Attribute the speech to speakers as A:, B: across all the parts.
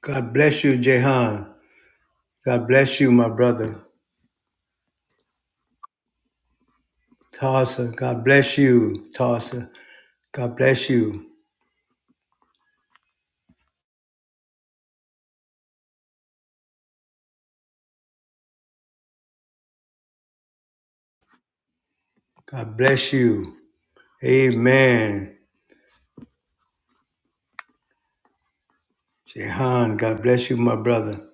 A: God bless you, Jehan. God bless you, my brother. Tarsa, God bless you, Tarsa. God bless you. God bless you. Amen. Jehan, God bless you, my brother.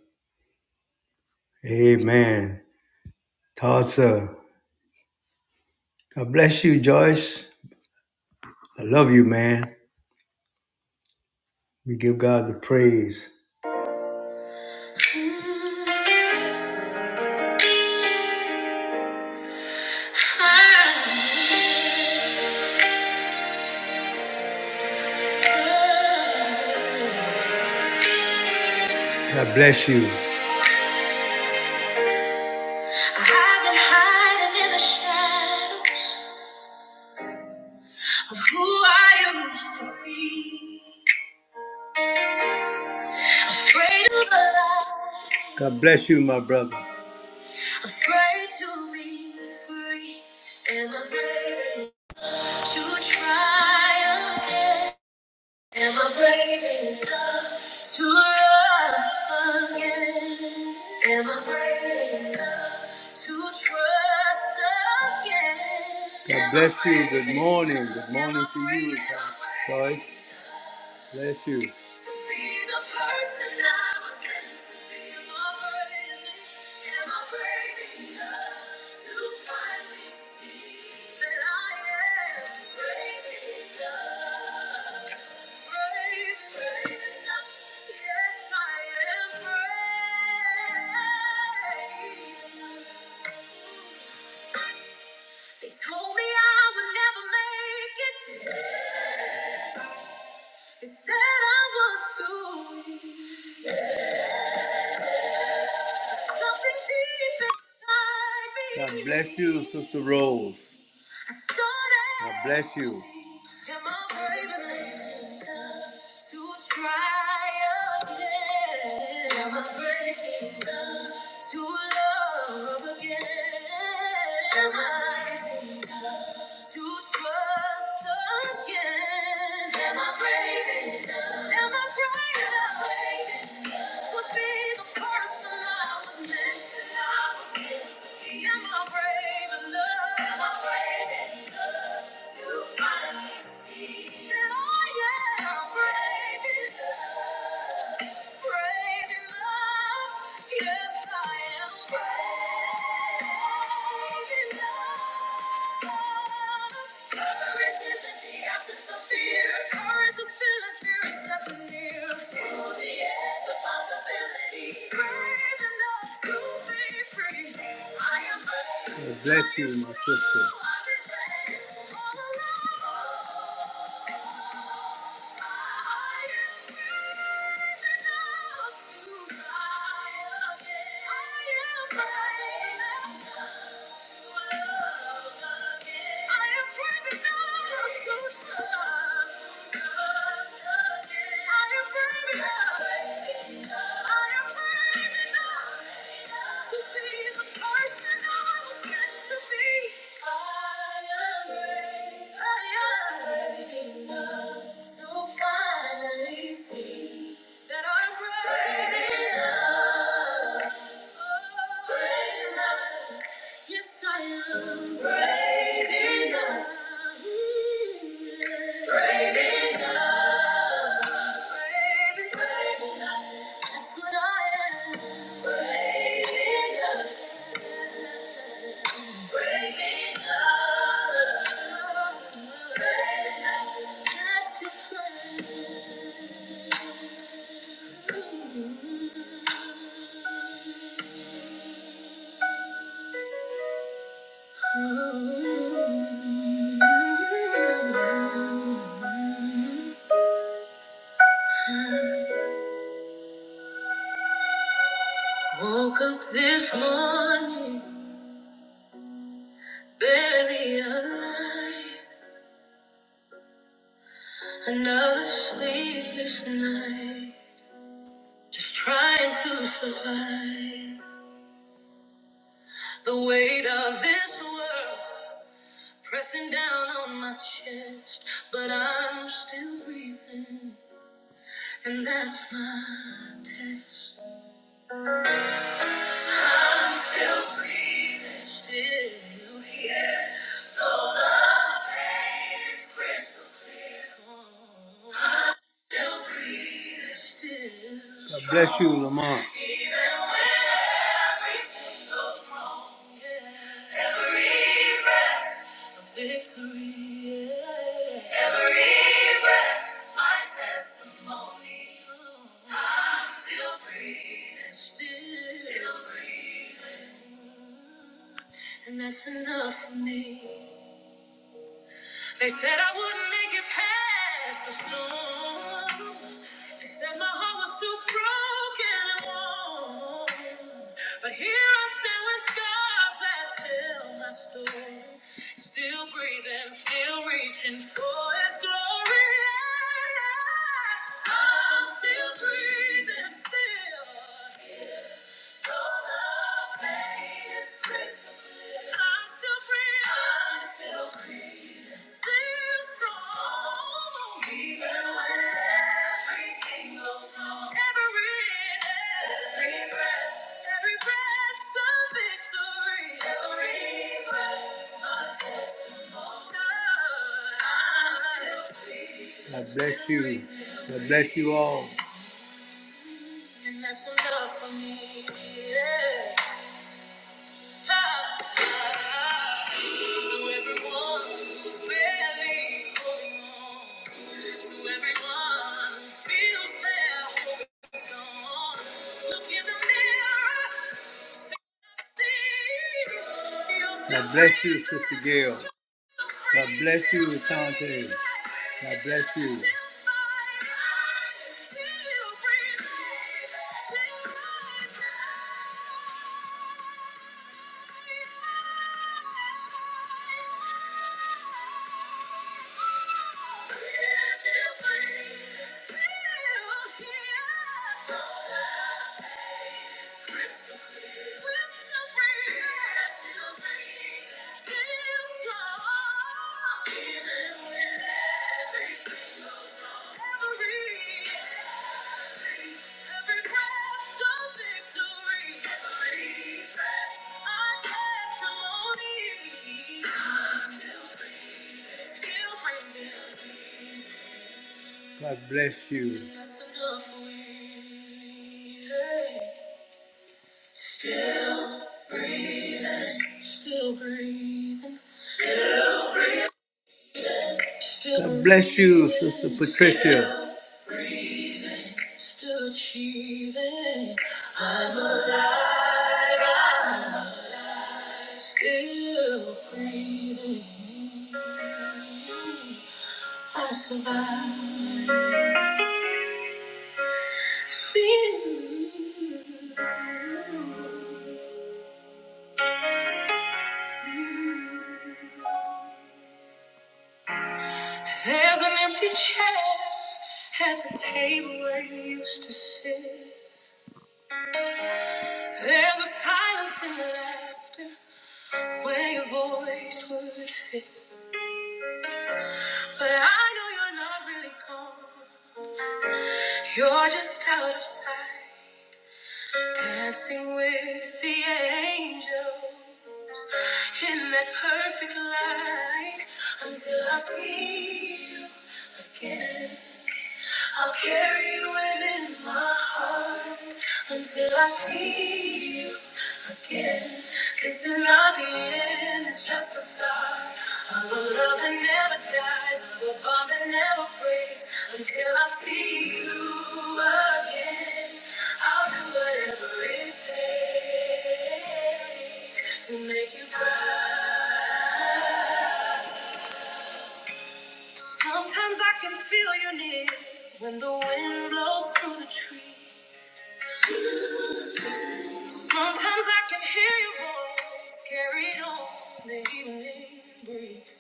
A: Amen. Tarsa, God bless you, Joyce. I love you, man. We give God the praise. God bless you. I've been hiding in the shadows of who I used to be. Afraid of the light. God bless you, my brother. Afraid to be free. Am I brave to try again? Am I brave enough to love again? Am I brave enough to trust again? God bless you. Good morning. Good morning to you, Joyce. Bless you. Yes, They said I was too weak. Something deep inside me. God bless you, Sister Rose. God bless you. to love again? to trust again. Am I brave enough? Am I brave enough? To be the person I was meant to be. Am I brave enough? Am I brave enough to finally see that I am brave enough? Brave enough, yes I am brave. Courage bless you, my sister. I am brave enough to finally see that I'm brave enough, brave enough. Yes, I am brave enough. Brave enough. Brave, brave enough. That's what I am. Brave enough. Brave enough. Brave enough. That's your plan. Woke up this morning, barely alive. Another sleepless night, just trying to survive. The weight of this world pressing down on my chest, but I'm still breathing, and that's my test. God bless you, strong. Lamar. yeah. every breath Yeah. My testimony, I'm still breathing, still, breathing, and that's enough for me. They said I wouldn't make it past the storm. They said my heart was too broken and worn. But here I stand with scars that tell my story. Still breathing, still reaching for His glory. I'm still breathing, still. God bless you. God bless you all. And that's enough for me. Yeah. God bless you, Sister Gail. God bless you, Sante. God bless you. Still breathing, still strong, even when God bless you. Still breathing. still breathing. God bless you, Sister Patricia. Still breathing, still achieving. I'm alive, I'm still breathing. I survived. There's an empty chair at the table where you used to sit. There's a silence in the laughter. where your voice would fit. But I know you're not really gone. You're just out of sight, dancing with the angels in that perfect light until I see you again. I'll carry you in my heart until I see you again. This is not the end, it's just the start. Of a love that never dies, of a bond that never breaks. Until I see you again, I'll do whatever it takes to make you proud. Sometimes I can feel you near when the wind blows through the trees. Sometimes I can hear your voice carried on the evening breeze.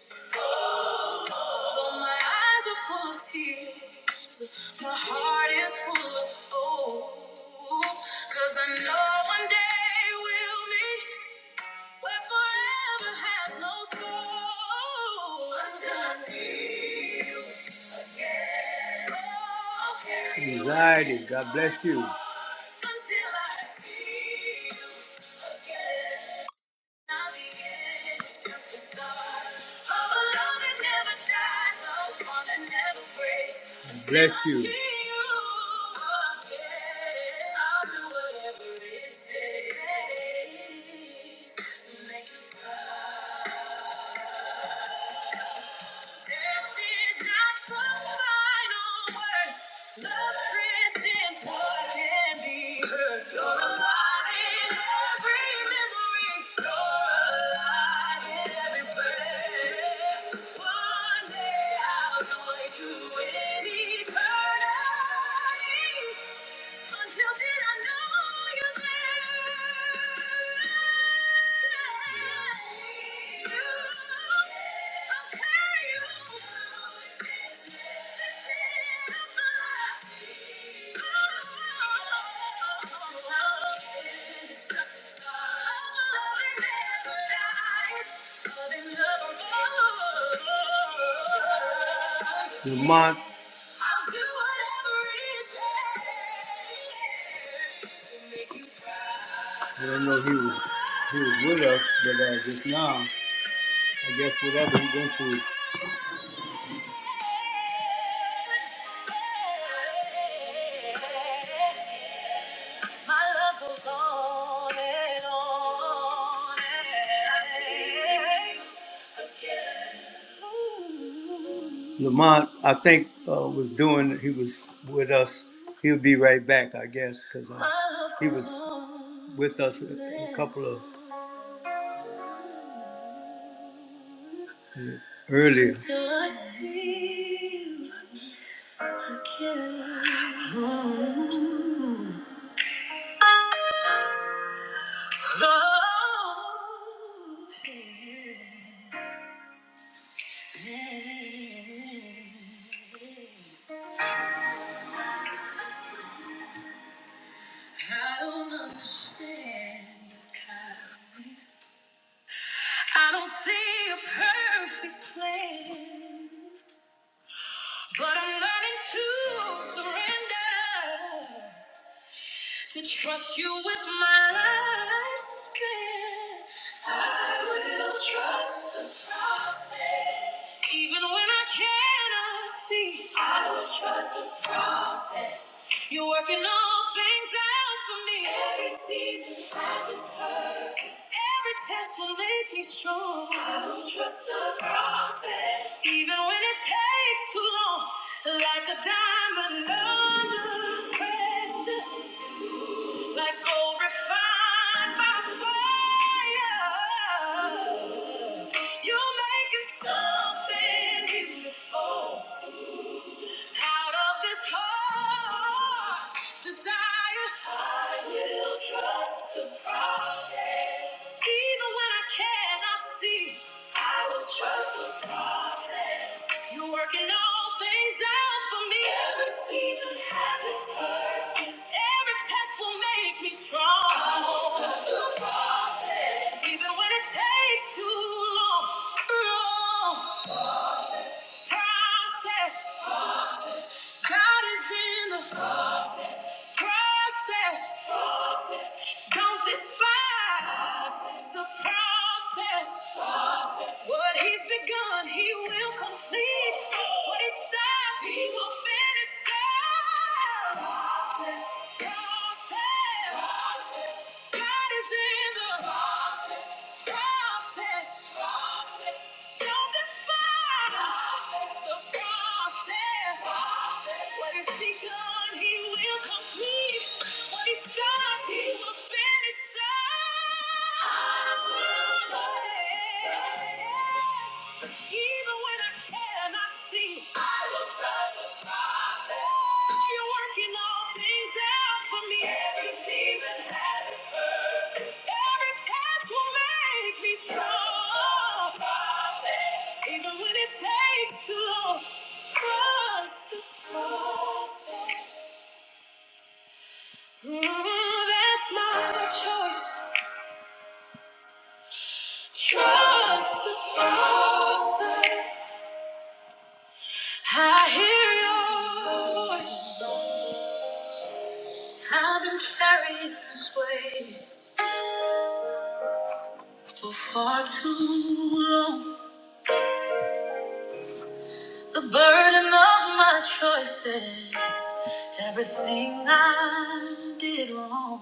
A: Though my eyes are full of tears, my heart is full of hope. Cause I know one day we'll meet where forever has no score. I'm gonna see you again. I'll carry you Anxiety, God bless you. Until I see you again. Bless you. Death is not the final word. Love transcends what can be heard. You're alive in every memory. You're alive in every breath. One day I'll know you in eternity. Until then, I know you're there. I'll carry you. This is the love. Love never I'll do whatever it takes to make you proud. I don't know if he was, he was with us, but uh, just now, I guess whatever he went through. My love goes on and on and again. Ooh. Lamont, I think, uh, was doing, he was with us. He'll be right back, I guess, because uh, he was with us a, a couple of earlier. Till I see you again. Oh, I don't understand the kind. I don't see a perfect plan. But I'm learning to surrender, to trust you with my life's plan. I will trust the process, even when I cannot see. I will trust you're working all things out for me. Every season. Every test will make me strong. I will trust the process. Even when it takes too long, like a diamond under pressure, like gold refined by fire. You're making something beautiful. Out of this heart desire, I will trust the process. Even when I cannot see, I will trust the process. You're working all things out for me. Every season has its place. Every test will make me strong. I will trust process. Even when it takes too long, long process. God is in the process. Don't despise the process. What he's begun, he will complete. What he starts, he will finish. Process, process, process. God is in the process, process, process. Don't despise the process. process. What he's begun, he will complete. What he starts, he will finish. Even when I cannot see, I will trust the process. You're working all things out for me. Every season has its purpose. Every task will make me strong. Trust the process. Even when it takes too long, trust the process. Mm, that's my choice. Trust the process. I hear your voice. I've been carried this way for far too long. The burden of my choices, everything I did wrong.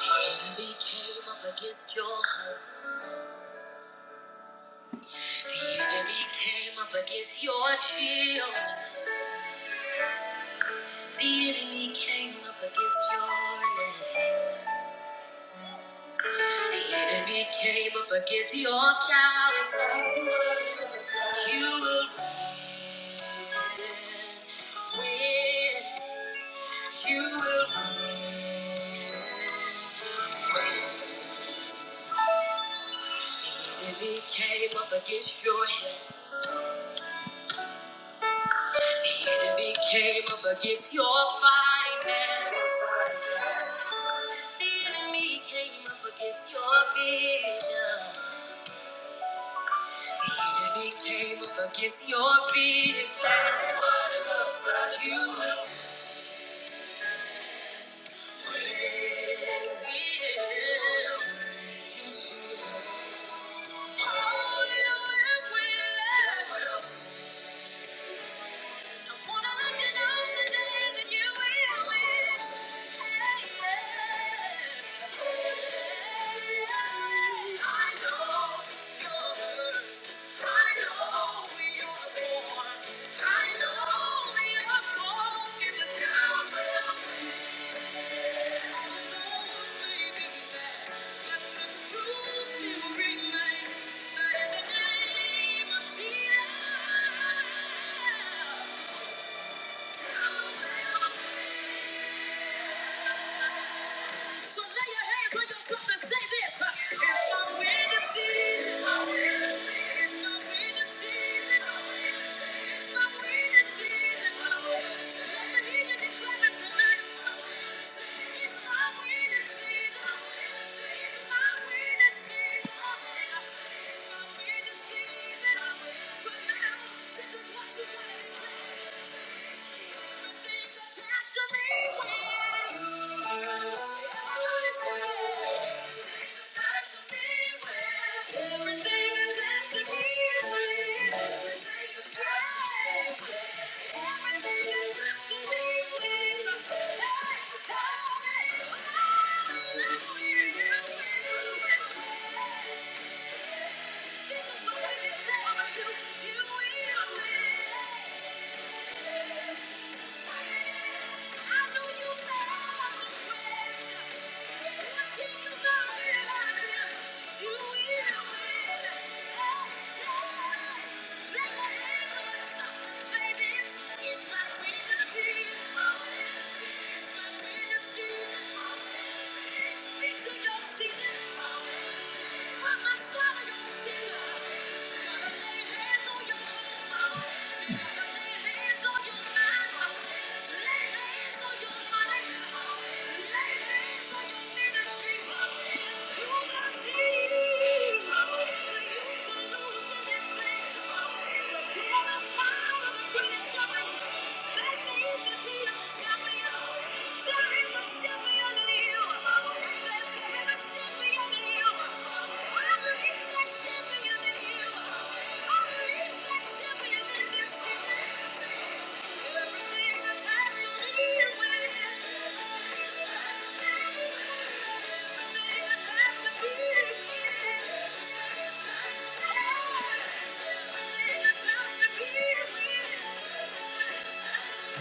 A: The enemy came up against your hope. The enemy came up against your shield. The enemy came up against your name. The enemy came up against your character. You will win. You will. win. The enemy came up against your health. The enemy came up against your finance. The enemy came up against your vision. The enemy came up against your business. You will win. You will win. I know you're the one. Yeah. So lay your hands on yourself and say this. huh? It's my winning season. It's my winning season. It's my winning season. Let the heathen declare it tonight. It's my winning season. It's my winning season. It's my winning season. For now, this is what you gotta do. Thank you. say I do. You will win. Put my hands on your Thank you.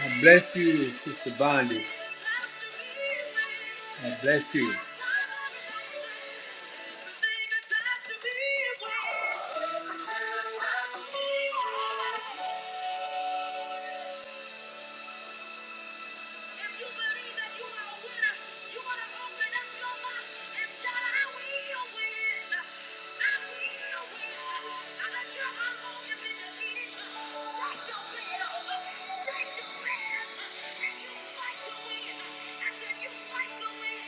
A: I bless you, Sister Bondi. I bless you. If you believe that you are a winner, you want to open up your mouth and shout, I will win. I will win. I don't care how long you've been defeated. Set your bed over. Set your bed. And you fight to win. I said, you fight to win.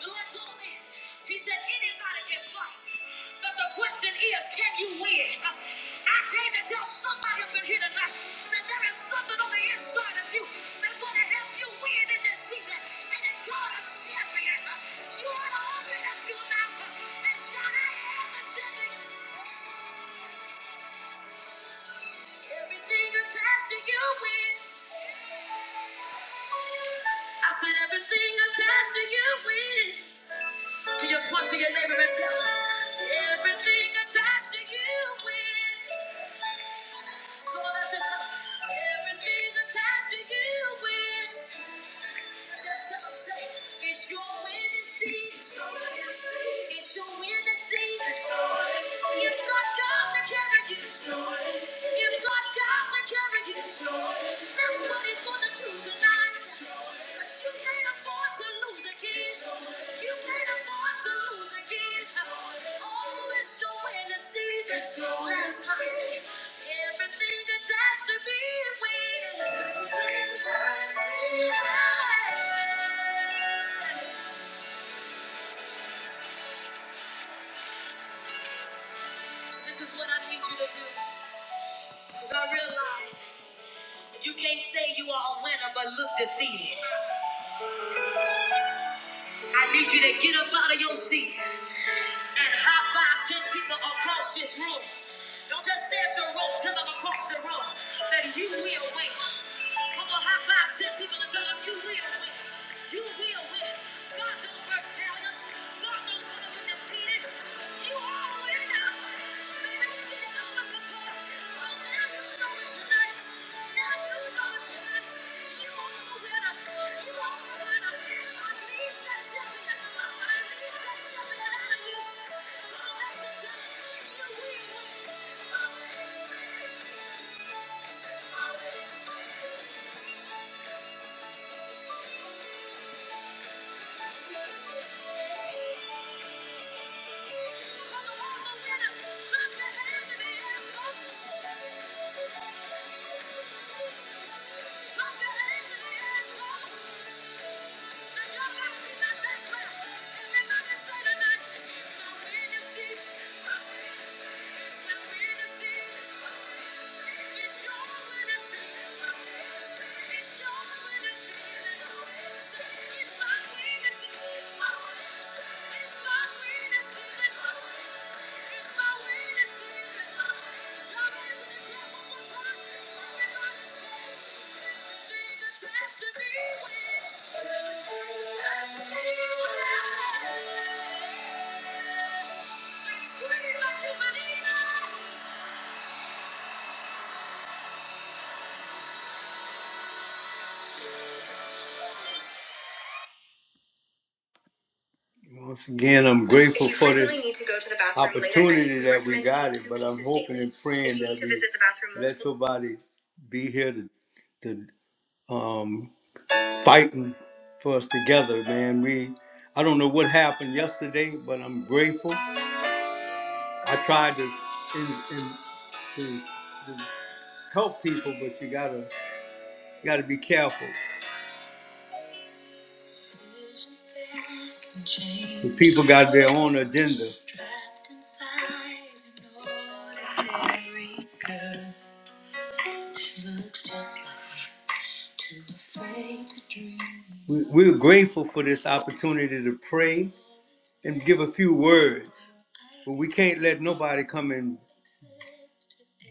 A: The Lord told me, He said, anybody can fight, but the question is, can you win? I came to tell somebody up in here tonight that there is something on the inside of you that's going to help you win in this season, and it's called a champion. You ought to open up your mouth and shout, I am a champion. Everything attached to you wins. I said everything attached to you wins. Can you point to your neighbor and tell them? Everything attached to you wins. Come on, that's it. Tell them. Everything attached to you wins. Just tell them straight. It's your winning season. It's your winning season. You've got God to carry you. You've got God to carry you. That's what he's gonna do tonight. 'Cause you can't afford to lose again. You can't afford to lose again. Oh, it's the winter season. Last time. Everything that's asked to be win. This is what I need you to do. Because I realize. You can't say you are a winner but look defeated. I need you to get up out of your seat and high 10 people across this room. Don't just stand your rope, tell them across the room that you will win. Come on, high 10 people and tell them you will win. You will win. God don't work failures. God don't want to be defeated. You are a winner. Thank you. Put your hands in Thank you. It's my witness. Once again, I'm grateful for this opportunity that we got it, but I'm hoping and praying that we let somebody be here to, to um, fighting for us together, man. We, I don't know what happened yesterday, but I'm grateful. I tried to, in, in, to, to help people, but you gotta, gotta be careful. The people got their own agenda. We, we're grateful for this opportunity to pray and give a few words. But we can't let nobody come and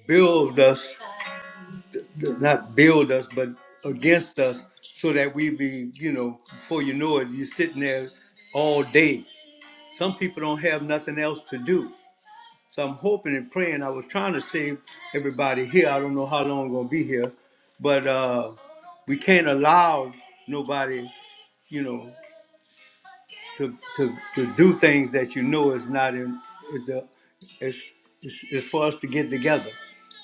A: build us, not build us, but against us, so that we be, you know, before you know it, you're sitting there all day. Some people don't have nothing else to do. So I'm hoping and praying. I was trying to save everybody here. I don't know how long I'm gonna be here, but uh, we can't allow nobody, you know. to, to, to do things that you know is not in is the is, is, is for us to get together,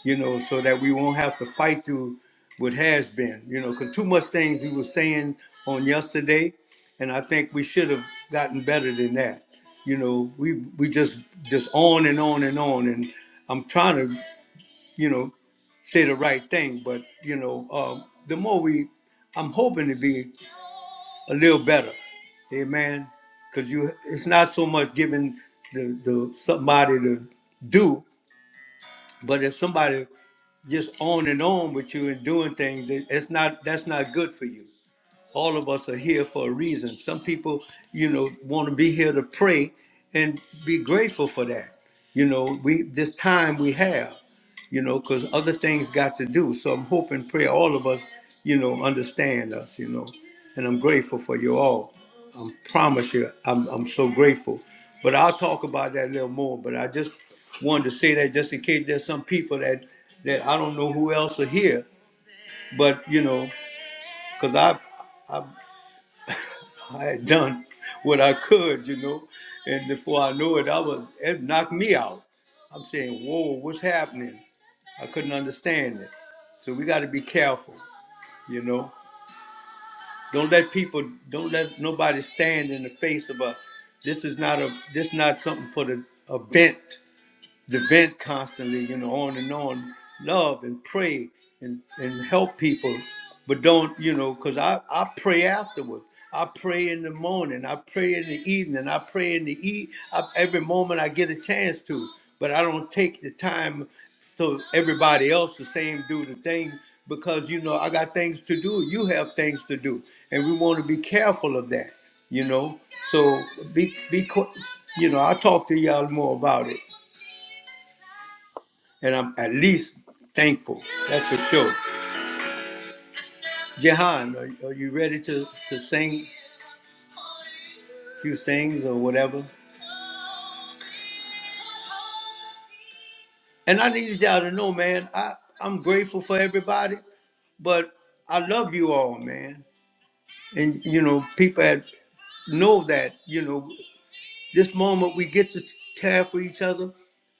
A: you know, so that we won't have to fight through what has been, you know, because too much things you were saying on yesterday, and I think we should have gotten better than that. You know, we we just just on and on and on, and I'm trying to, you know, say the right thing, but you know, um, the more we, I'm hoping to be a little better. Amen. Because you, it's not so much giving the, the somebody to do, but if somebody just on and on with you and doing things, it- it's not that's not good for you all of us are here for a reason. Some people, you know, want to be here to pray and be grateful for that. You know, we this time we have, you know, because other things got to do. So I'm hoping, pray all of us, you know, understand us, you know, and I'm grateful for you all. I promise you, I'm I'm so grateful. But I'll talk about that a little more. But I just wanted to say that just in case there's some people that that I don't know who else are here, but you know, because I I had done what I could, you know, and before I knew it, I was it knocked me out. I'm saying, "Whoa, what's happening?" I couldn't understand it. So we got to be careful, you know. Don't let people, don't let nobody stand in the face of a. This is not a. This not something for the event the vent constantly, you know, on and on, love and pray and, and help people. But don't, you know, because I, I pray afterwards. I pray in the morning. I pray in the evening. I pray in the e I, every moment I get a chance to. But I don't take the time so everybody else the same do the thing because you know I got things to do. You have things to do, and we want to be careful of that. You know, so be be. qu- You know, I'll talk to y'all more about it and I'm at least thankful. That's for sure. Jehan, are, are you ready to, to sing a few things or whatever? And I needed y'all to know, man, I, I'm grateful for everybody, but I love you all, man. And, you know, people had, know that, you know. this moment we get to care for each other.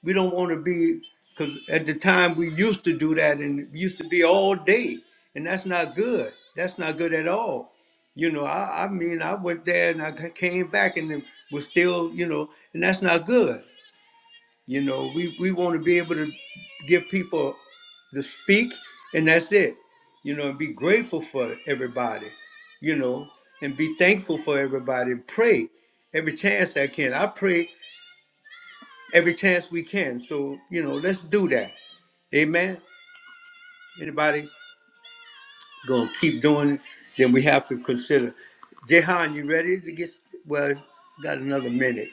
A: We don't want to be, because at the time we used to do that and we used to be all day, and that's not good. That's not good at all. You know, I, I mean, I went there and I ca- came back and it was still, you know, and that's not good. You know, we, we want to be able to give people to speak, and that's it. You know, and be grateful for everybody, you know, and be thankful for everybody and pray every chance I can. I pray every chance we can. So, you know, let's do that. Amen. Anybody gonna keep doing it, then we have to consider. Jehan, you ready to get well, got another minute.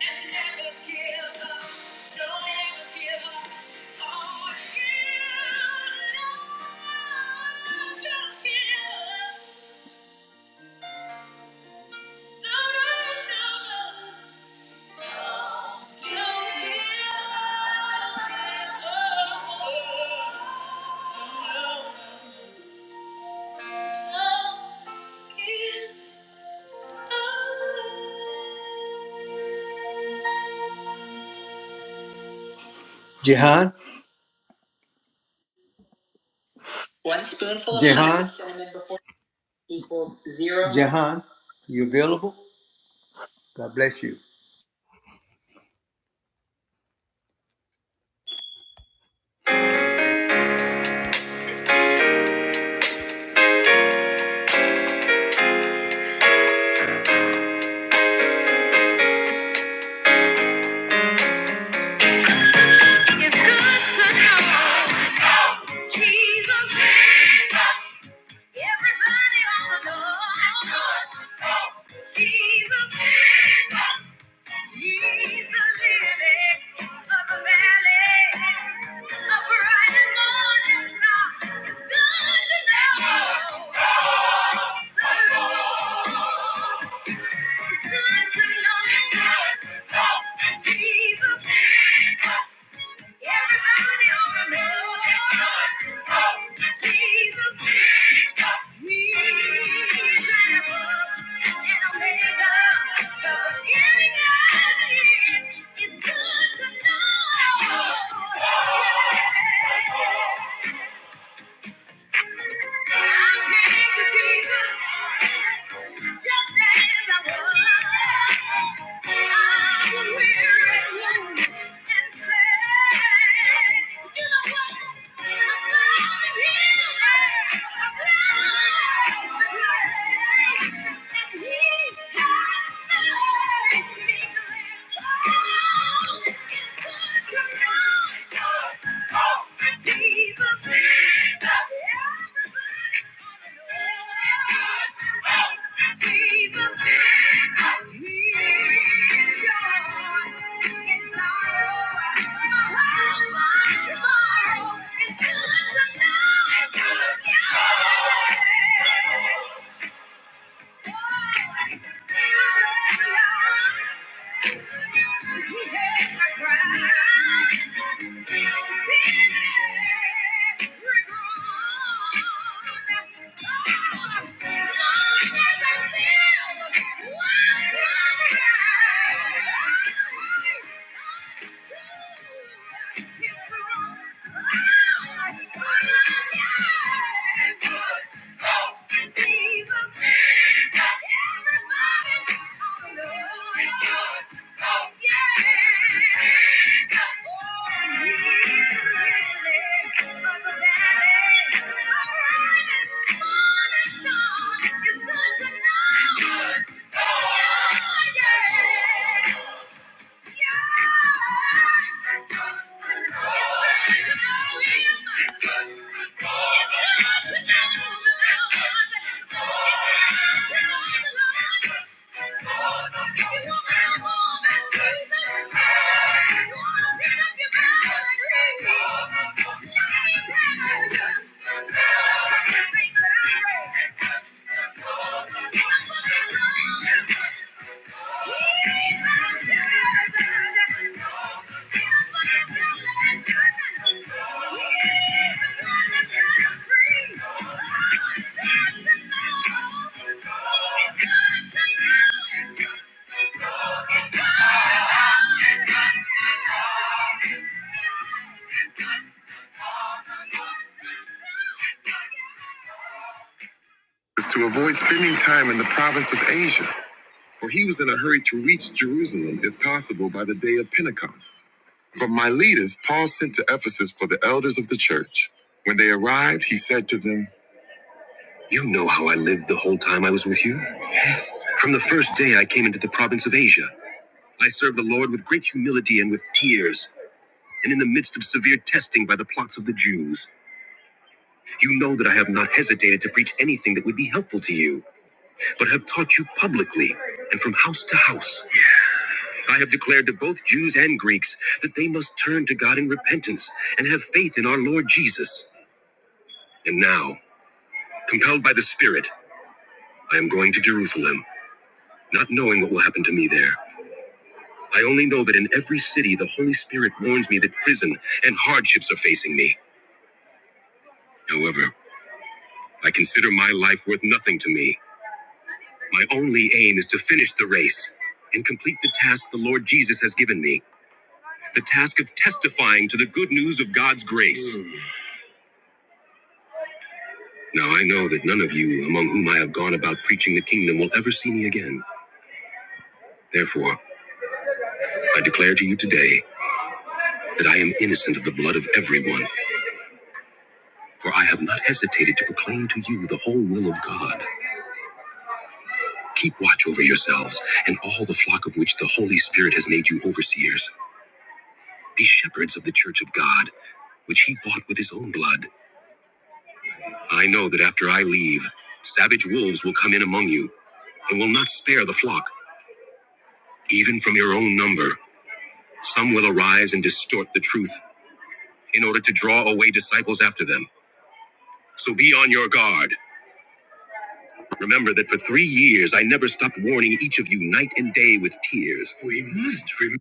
A: Jihan. never No, No, no, no, no. No, One spoonful of Jehan? cinnamon before- equals zero. Jahan, you available? God bless you.
B: It's good to know Jesus. Jesus. Everybody ought to know Jesus. Jesus. He's the lily of the valley, a bright and morning star. It's good to know. It's good to know Jesus. It's good to know. Thank you. It's good to know. Oh! It's good to know. Oh, yeah. Thank you. Is to avoid spending time in the province of Asia for he was in a hurry to reach Jerusalem, if possible, by the day of Pentecost. From Miletus, Paul sent to Ephesus for the elders of the church. When they arrived, he said to them, You know how I lived the whole time I was with you. From the first day I came into the province of Asia, I served the Lord with great humility and with tears, and in the midst of severe testing by the plots of the Jews. You know that I have not hesitated to preach anything that would be helpful to you, but have taught you publicly and from house to house I have declared to both Jews and Greeks that they must turn to God in repentance and have faith in our Lord Jesus. And now, compelled by the Spirit, I am going to Jerusalem, not knowing what will happen to me there. I only know that in every city the Holy Spirit warns me that prison and hardships are facing me. However, I consider my life worth nothing to me. My only aim is to finish the race and complete the task the Lord Jesus has given me the task of testifying to the good news of God's grace. Now I know that none of you among whom I have gone about preaching the kingdom will ever see me again. Therefore, I declare to you today that I am innocent of the blood of everyone, for I have not hesitated to proclaim to you the whole will of God. Keep watch over yourselves and all the flock of which the Holy Spirit has made you overseers. Be shepherds of the church of God, which he bought with his own blood. I know that after I leave, savage wolves will come in among you and will not spare the flock, even from your own number. Some will arise and distort the truth in order to draw away disciples after them. So be on your guard. Remember that for three years I never stopped warning each of you night and day with tears. We must remember.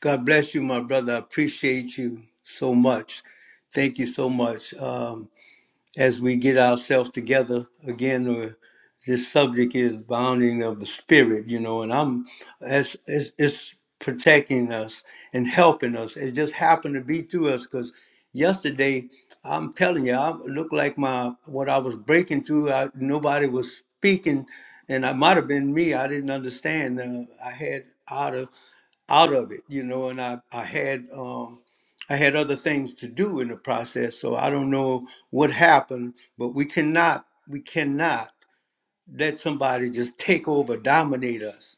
A: God bless you, my brother. I appreciate you so much. Thank you so much. Um, as we get ourselves together again uh, this subject is bounding of the spirit you know and i'm as it's, it's protecting us and helping us it just happened to be through us because yesterday i'm telling you i looked like my what i was breaking through I, nobody was speaking and i might have been me i didn't understand uh, i had outer out of it, you know, and I, I had um I had other things to do in the process. So I don't know what happened, but we cannot we cannot let somebody just take over, dominate us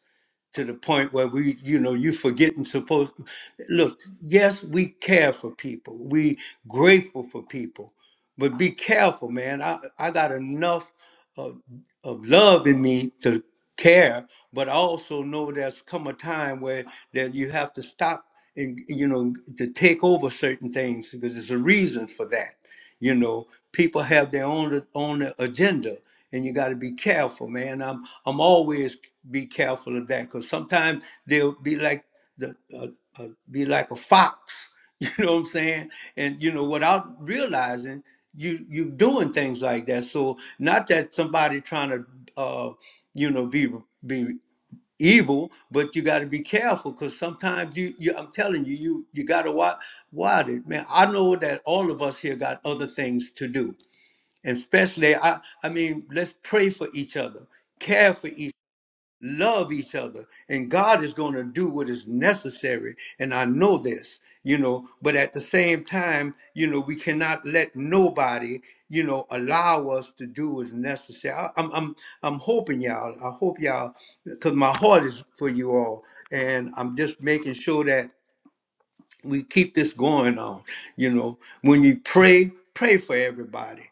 A: to the point where we, you know, you forgetting supposed. Look, yes, we care for people. We grateful for people, but be careful, man. I I got enough of, of love in me to care, but I also know there's come a time where that you have to stop and you know to take over certain things because there's a reason for that. You know, people have their own own agenda and you got to be careful, man. I'm I'm always be careful of that because sometimes they'll be like the uh, uh, be like a fox, you know what I'm saying? And you know without realizing you you doing things like that. So not that somebody trying to uh, you know be be evil, but you got to be careful because sometimes you, you I'm telling you you you got to watch watch it, man. I know that all of us here got other things to do and especially, I, I mean, let's pray for each other, care for each, love each other, and God is going to do what is necessary. And I know this, you know. But at the same time, you know, we cannot let nobody, you know, allow us to do what's necessary. I, I'm, I'm, I'm hoping y'all. I hope y'all, because my heart is for you all, and I'm just making sure that we keep this going on. You know, when you pray, pray for everybody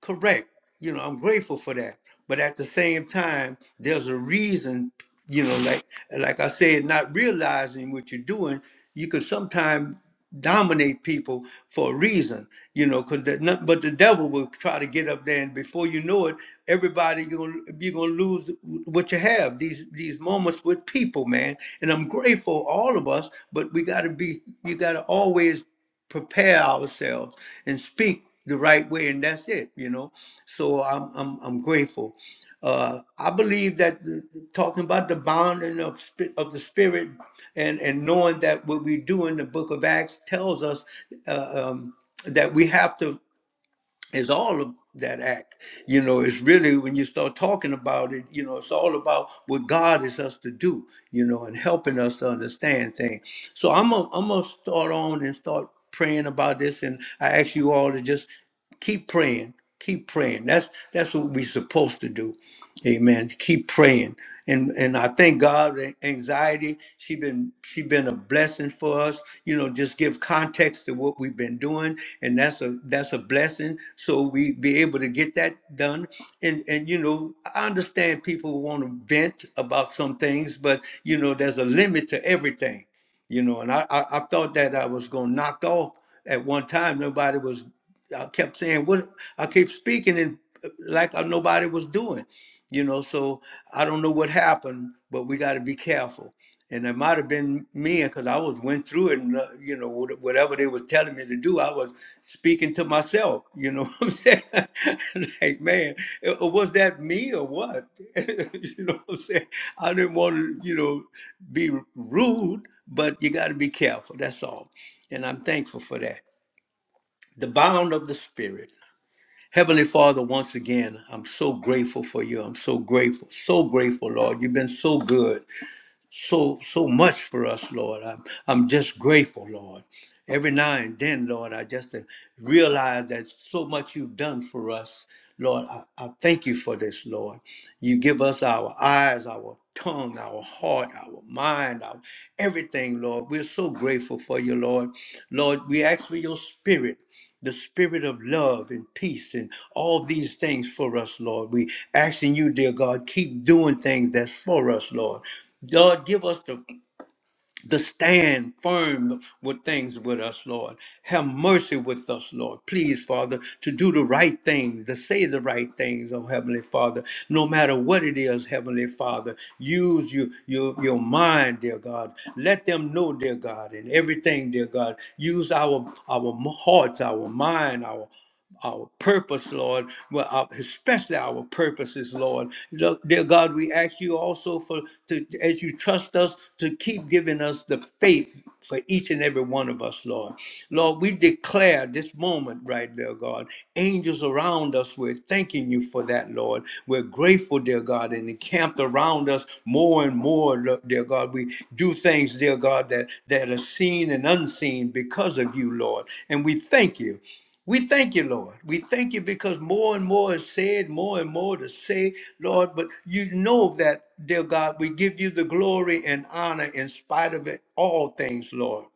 A: Correct. You know, I'm grateful for that. But at the same time, there's a reason, you know, like like I said, not realizing what you're doing, you could sometimes dominate people for a reason, you know, because nothing but the devil will try to get up there and before you know it, everybody you're gonna you're gonna lose what you have, these these moments with people, man. And I'm grateful all of us, but we gotta be you gotta always prepare ourselves and speak the right way, and that's it, you know. So I'm I'm I'm grateful. Uh, I believe that the, talking about the bonding of spi- of the spirit, and and knowing that what we do in the Book of Acts tells us uh, um, that we have to it's all of that act. You know, it's really when you start talking about it, you know, it's all about what God is us to do, you know, and helping us to understand things. So I'm gonna I'm gonna start on and start praying about this and I ask you all to just keep praying. Keep praying. That's that's what we're supposed to do. Amen. Keep praying. And and I thank God that anxiety, she been she been a blessing for us. You know, just give context to what we've been doing and that's a that's a blessing. So we be able to get that done. And and you know, I understand people want to vent about some things, but you know, there's a limit to everything. You know, and I I, I thought that I was gonna knock off at one time. Nobody was. I kept saying what I kept speaking and uh, like uh, nobody was doing. You know, so I don't know what happened, but we got to be careful and it might have been me because I was went through it, and uh, you know what- whatever they was telling me to do, I was speaking to myself. You know what I'm saying? like, man, uh, uh, was that me or what? you know what I'm saying? I didn't want to, you know, be rude, but you got to be careful. That's all, and I'm thankful for that. The bound of the spirit. Heavenly Father, once again, I'm so grateful for you. I'm so grateful, so grateful, Lord. You've been so good so so much for us, Lord. I'm I'm just grateful, Lord. Every now and then, Lord, I just uh, realize that so much you've done for us, Lord. I, I thank you for this, Lord. You give us our eyes, our tongue, our heart, our mind, our everything, Lord. We're so grateful for you, Lord. Lord, we ask for your spirit. The spirit of love and peace and all these things for us, Lord. We asking you, dear God, keep doing things that's for us, Lord. Lord, give us the, the stand firm with things with us, Lord. Have mercy with us, Lord. Please, Father, to do the right thing, to say the right things, oh Heavenly Father. No matter what it is, Heavenly Father, use you, your, your mind, dear God. Let them know, dear God, in everything, dear God. Use our, our hearts, our mind, our our purpose, Lord, well, especially our purposes, Lord. Dear God, we ask you also for to as you trust us to keep giving us the faith for each and every one of us, Lord. Lord, we declare this moment right there, God. Angels around us, we're thanking you for that, Lord. We're grateful, dear God, and encamped around us more and more, dear God. We do things, dear God, that, that are seen and unseen because of you, Lord. And we thank you. We thank you, Lord. We thank you because more and more is said, more and more to say, Lord. But you know that, dear God, we give you the glory and honor in spite of it, all things, Lord.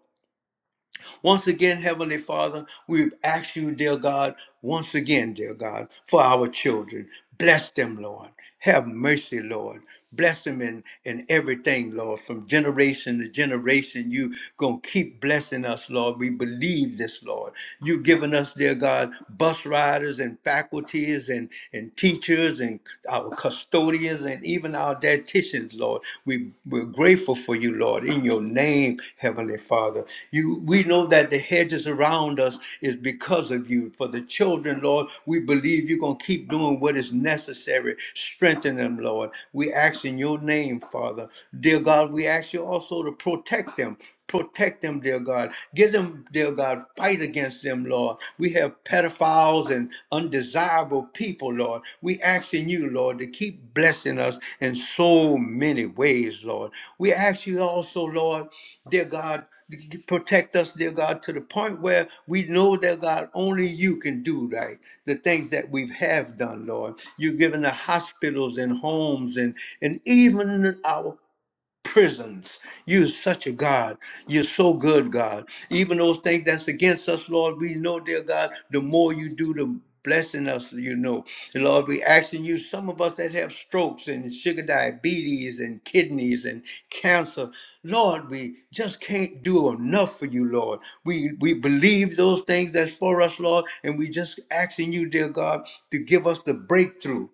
A: Once again, Heavenly Father, we ask you, dear God, once again, dear God, for our children. Bless them, Lord. Have mercy, Lord. Bless them in, in everything, Lord. From generation to generation, you going to keep blessing us, Lord. We believe this, Lord. You've given us, dear God, bus riders and faculties and, and teachers and our custodians and even our dietitians, Lord. We, we're grateful for you, Lord, in your name, Heavenly Father. You, we know that the hedges around us is because of you. For the children, Lord, we believe you're going to keep doing what is necessary. Strengthen them, Lord. We ask in your name, Father. Dear God, we ask you also to protect them Protect them, dear God. Give them, dear God, fight against them, Lord. We have pedophiles and undesirable people, Lord. We asking you, Lord, to keep blessing us in so many ways, Lord. We ask you also, Lord, dear God, to protect us, dear God, to the point where we know, dear God, only you can do right the things that we have done, Lord. You've given the hospitals and homes and, and even our prisons. You're such a God. You're so good, God. Even those things that's against us, Lord, we know, dear God, the more you do, the blessing us, you know. And Lord, we asking you, some of us that have strokes and sugar diabetes and kidneys and cancer, Lord, we just can't do enough for you, Lord. We we believe those things that's for us, Lord, and we just asking you, dear God, to give us the breakthrough.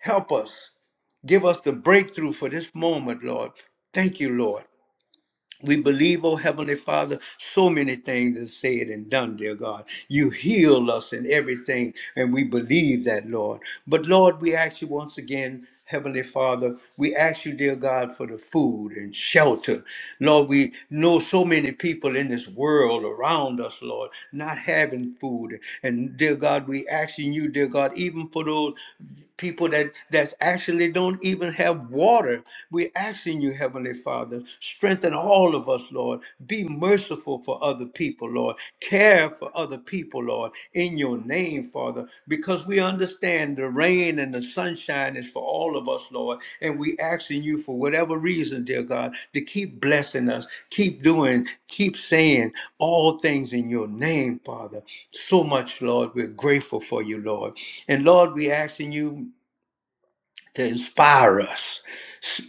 A: Help us. Give us the breakthrough for this moment, Lord. Thank you, Lord. We believe, oh Heavenly Father, so many things is said and done, dear God. You heal us in everything, and we believe that, Lord. But Lord, we ask you once again, Heavenly Father, we ask you, dear God, for the food and shelter. Lord, we know so many people in this world around us, Lord, not having food. And dear God, we asking you, dear God, even for those people that that's actually don't even have water. We're asking you, Heavenly Father, strengthen all of us, Lord. Be merciful for other people, Lord. Care for other people, Lord, in your name, Father, because we understand the rain and the sunshine is for all of us, Lord. And we asking you for whatever reason, dear God, to keep blessing us, keep doing, keep saying all things in your name, Father. So much, Lord. We're grateful for you, Lord. And Lord, we asking you to inspire us.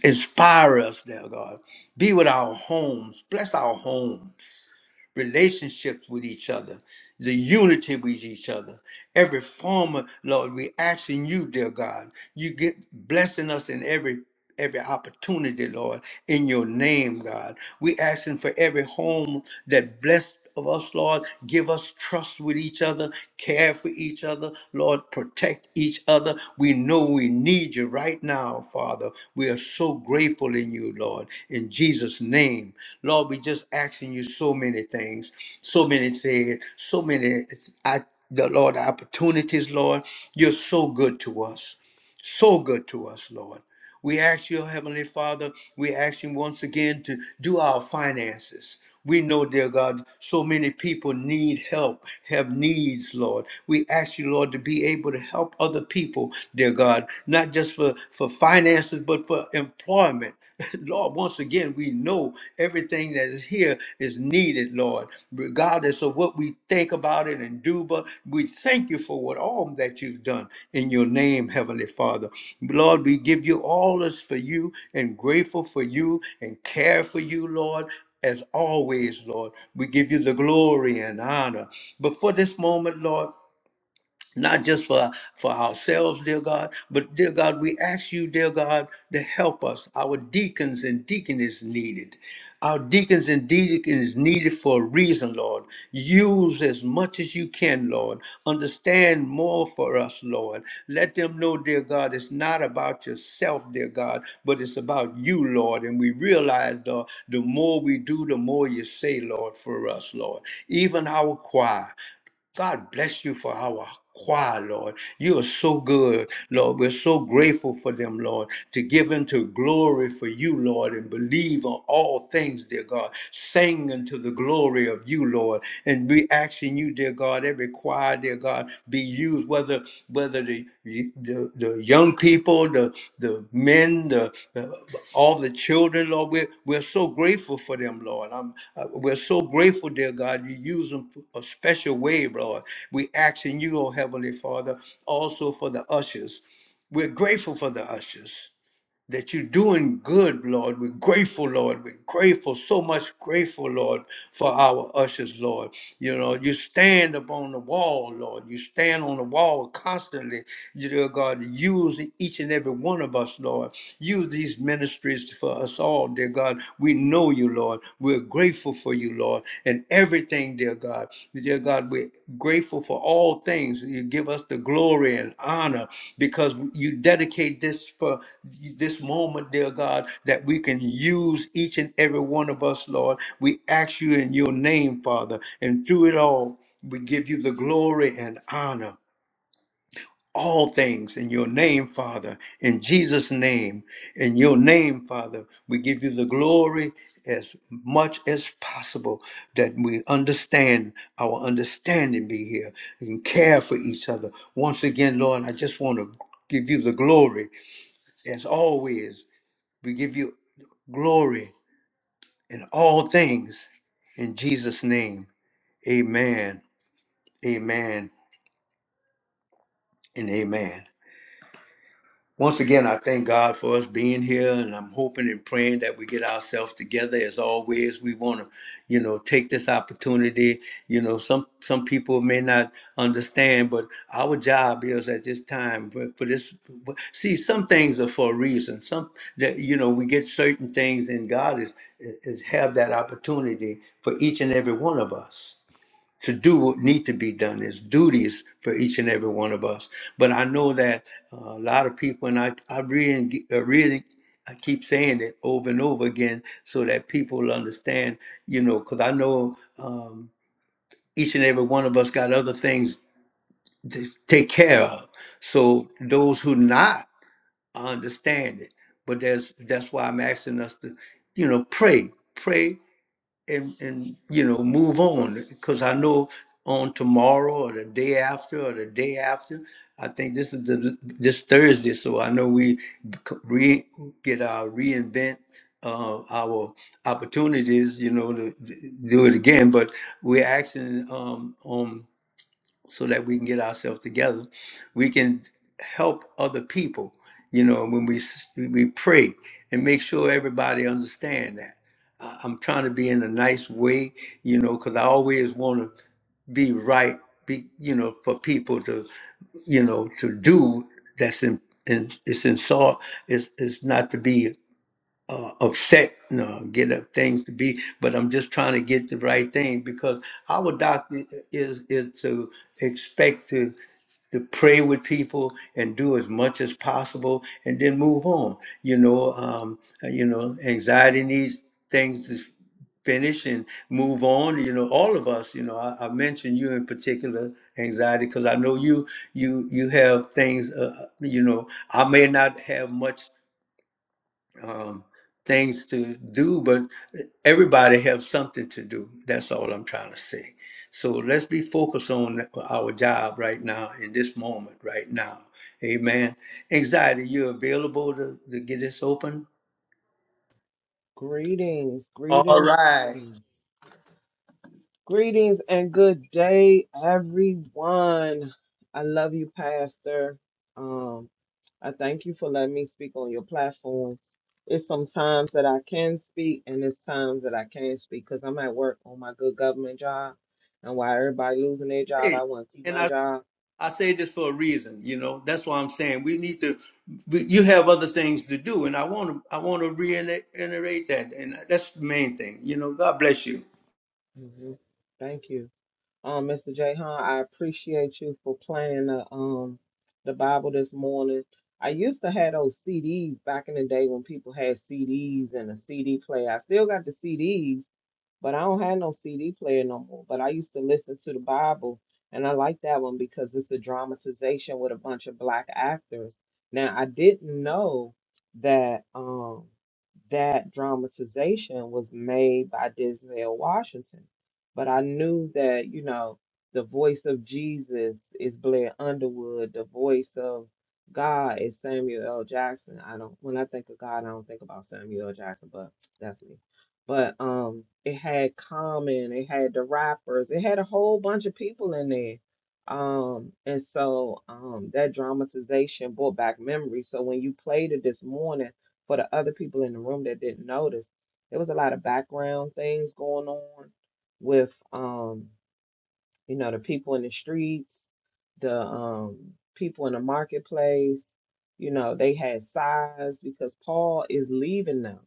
A: Inspire us, dear God. Be with our homes. Bless our homes. Relationships with each other. The unity with each other. Every form of Lord, we asking you, dear God. You get blessing us in every every opportunity, Lord, in your name, God. We asking for every home that blessed of us, Lord. Give us trust with each other, care for each other, Lord, protect each other. We know we need you right now, Father. We are so grateful in you, Lord, in Jesus' name. Lord, we just asking you so many things, so many things, so many, I, the Lord, opportunities, Lord. You're so good to us so good to us, Lord. We ask you, Heavenly Father, we ask you once again to do our finances. We know, dear God, so many people need help, have needs, Lord. We ask you, Lord, to be able to help other people, dear God, not just for, for finances, but for employment. Lord, once again, we know everything that is here here is needed, Lord. Regardless of what we think about it and do, but we thank you for what all that you've done in your name, Heavenly Father. Lord, we give you all this for you and grateful for you and care for you, Lord. As always, Lord, we give you the glory and honor. But for this moment, Lord, not just for for ourselves dear god but dear god we ask you dear god to help us our deacons and deaconess needed our deacons and deaconess needed for a reason lord use as much as you can lord understand more for us lord let them know dear god it's not about yourself dear god but it's about you lord and we realize Lord, the more we do the more you say lord for us lord even our choir God bless you for our choir, Lord. You are so good, Lord. We're so grateful for them, Lord, to give into glory for you, Lord, and believe on all things, dear God. Sing unto the glory of you, Lord. And we asking you, dear God, every choir, dear God, be used, whether whether the the, the young people, the the men, the, the all the children, Lord. We're we're so grateful for them, Lord. I'm uh, we're so grateful, dear God. You use them a special way, Lord. We ask in you, oh Heavenly Father, also for the ushers. We're grateful for the ushers that you're doing good, Lord. We're grateful, Lord. We're grateful, so much grateful, Lord, for our ushers, Lord. You know, you stand upon the wall, Lord. You stand on the wall constantly, dear God. Use each and every one of us, Lord. Use these ministries for us all, dear God. We know you, Lord. We're grateful for you you, Lord, and everything, dear God. Dear God, we're grateful for all things. You give us the glory and honor because you dedicate this for this moment, dear God, that we can use each and every one of us, Lord. We ask you in your name, Father, and through it all, we give you the glory and honor all things in your name, Father, in Jesus' name. In your name, Father, we give you the glory as much as possible that we understand our understanding be here and care for each other. Once again, Lord, I just want to give you the glory as always. We give you glory in all things in Jesus' name. Amen, amen, and amen. Once again, I thank God for us being here, and I'm hoping and praying that we get ourselves together. As always, we want to, you know, take this opportunity. You know, some some people may not understand, but our job is at this time for, for this. See, some things are for a reason. Some that you know, we get certain things, and God is is have that opportunity for each and every one of us to do what need to be done. There's duties for each and every one of us. But I know that uh, a lot of people, and I, I really, uh, really, I keep saying it over and over again so that people will understand, you know, because I know um, each and every one of us got other things to take care of. So those who not I understand it, but there's that's why I'm asking us to, you know, pray, pray and and you know move on because I know on tomorrow or the day after or the day after. I think this is the this Thursday, so I know we c- re, get our reinvent uh, our opportunities. You know to to do it again, but we're asking um, on so that we can get ourselves together. We can help other people, you know, when we s- we pray and make sure everybody understand that. I- I'm trying to be in a nice way, you know, because I always want to be right, be you know, for people to, you know, to do that's in and it's in saw. It's it's not to be uh, upset and uh, get up things to be, but I'm just trying to get the right thing because our doctor is is to expect to to pray with people and do as much as possible and then move on. You know, um, you know, anxiety needs things to finish and move on. You know, all of us. You know, I, I mentioned you in particular, anxiety, because I know you you you have things. Uh, uh, you know, I may not have much um, things to do, but everybody have something to do. That's all I'm trying to say. So let's be focused on our job right now in this moment right now. Amen. Anxiety, you available to, to get this open?
C: Greetings,
A: All
C: greetings,
A: right.
C: greetings. Greetings and good day, everyone. I love you, Pastor. Um, I thank you for letting me speak on your platform. It's some times that I can speak and it's times that I can't speak because I'm at work on my good government job. And while everybody losing their job,
A: Hey,
C: I want to keep
A: And
C: my
A: I,
C: job.
A: I say this for a reason, you know. That's why I'm saying we need to we, you have other things to do and I want to I want to reiterate that and that's the main thing. You know, God bless you.
C: hmm Thank you. Um, Mr. Jahan, I appreciate you for playing the um the Bible this morning. I used to have those CDs back in the day when people had CDs and a CD player. I still got the CDs, but I don't have no CD player no more. But I used to listen to the Bible, and I like that one because it's a dramatization with a bunch of black actors. Now, I didn't know that um that dramatization was made by Denzel Washington but I knew that, you know, the voice of Jesus is Blair Underwood, the voice of God is Samuel L. Jackson. I don't when I think of God, I don't think about Samuel L. Jackson, but that's me. But um it had Common, it had the rappers, it had a whole bunch of people in there. Um and so um that dramatization brought back memories. So when you played it this morning for the other people in the room that didn't notice, there was a lot of background things going on with um you know the people in the streets the um people in the marketplace you know they had size because paul is leaving them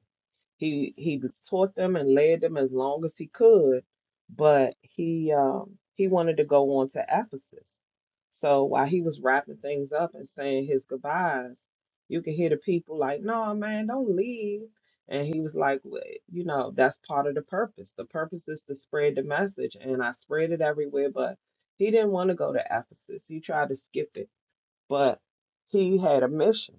C: he he taught them and led them as long as he could, but he um, he wanted to go on to Ephesus. So while he was wrapping things up and saying his goodbyes, you could hear the people like, "No, man, don't leave." And he was like, "Well, "You know, that's part of the purpose. The purpose is to spread the message, and I spread it everywhere." But he didn't want to go to Ephesus. He tried to skip it, but he had a mission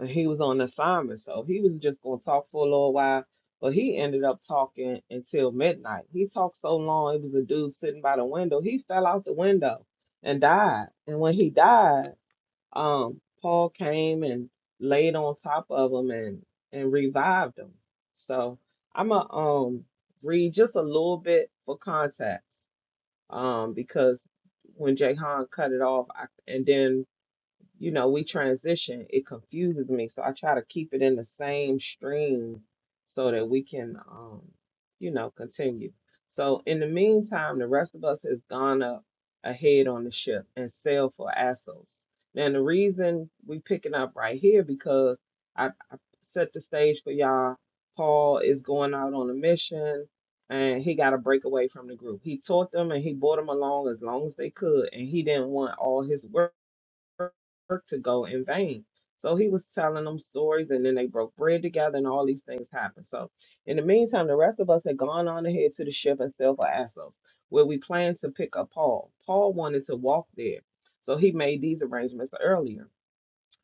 C: and he was on assignment, so he was just gonna talk for a little while. But he ended up talking until midnight. He talked so long, it was a dude sitting by the window. He fell out the window and died. And when he died, um, Paul came and laid on top of him and and revived him. So I'm gonna um read just a little bit for context, um, because when Jay cut it off, I, and then you know, we transition, it confuses me. So I try to keep it in the same stream so that we can, um, you know, continue. So in the meantime, the rest of us has gone up ahead on the ship and sailed for Assos. Now the reason we picking up right here because I, I set the stage for y'all. Paul is going out on a mission and he got to break away from the group. He taught them and he brought them along as long as they could, and he didn't want all his work to go in vain. So he was telling them stories, and then they broke bread together, and all these things happened. So, in the meantime, the rest of us had gone on ahead to the ship and sailed for Assos, where we planned to pick up Paul. Paul wanted to walk there, so he made these arrangements earlier.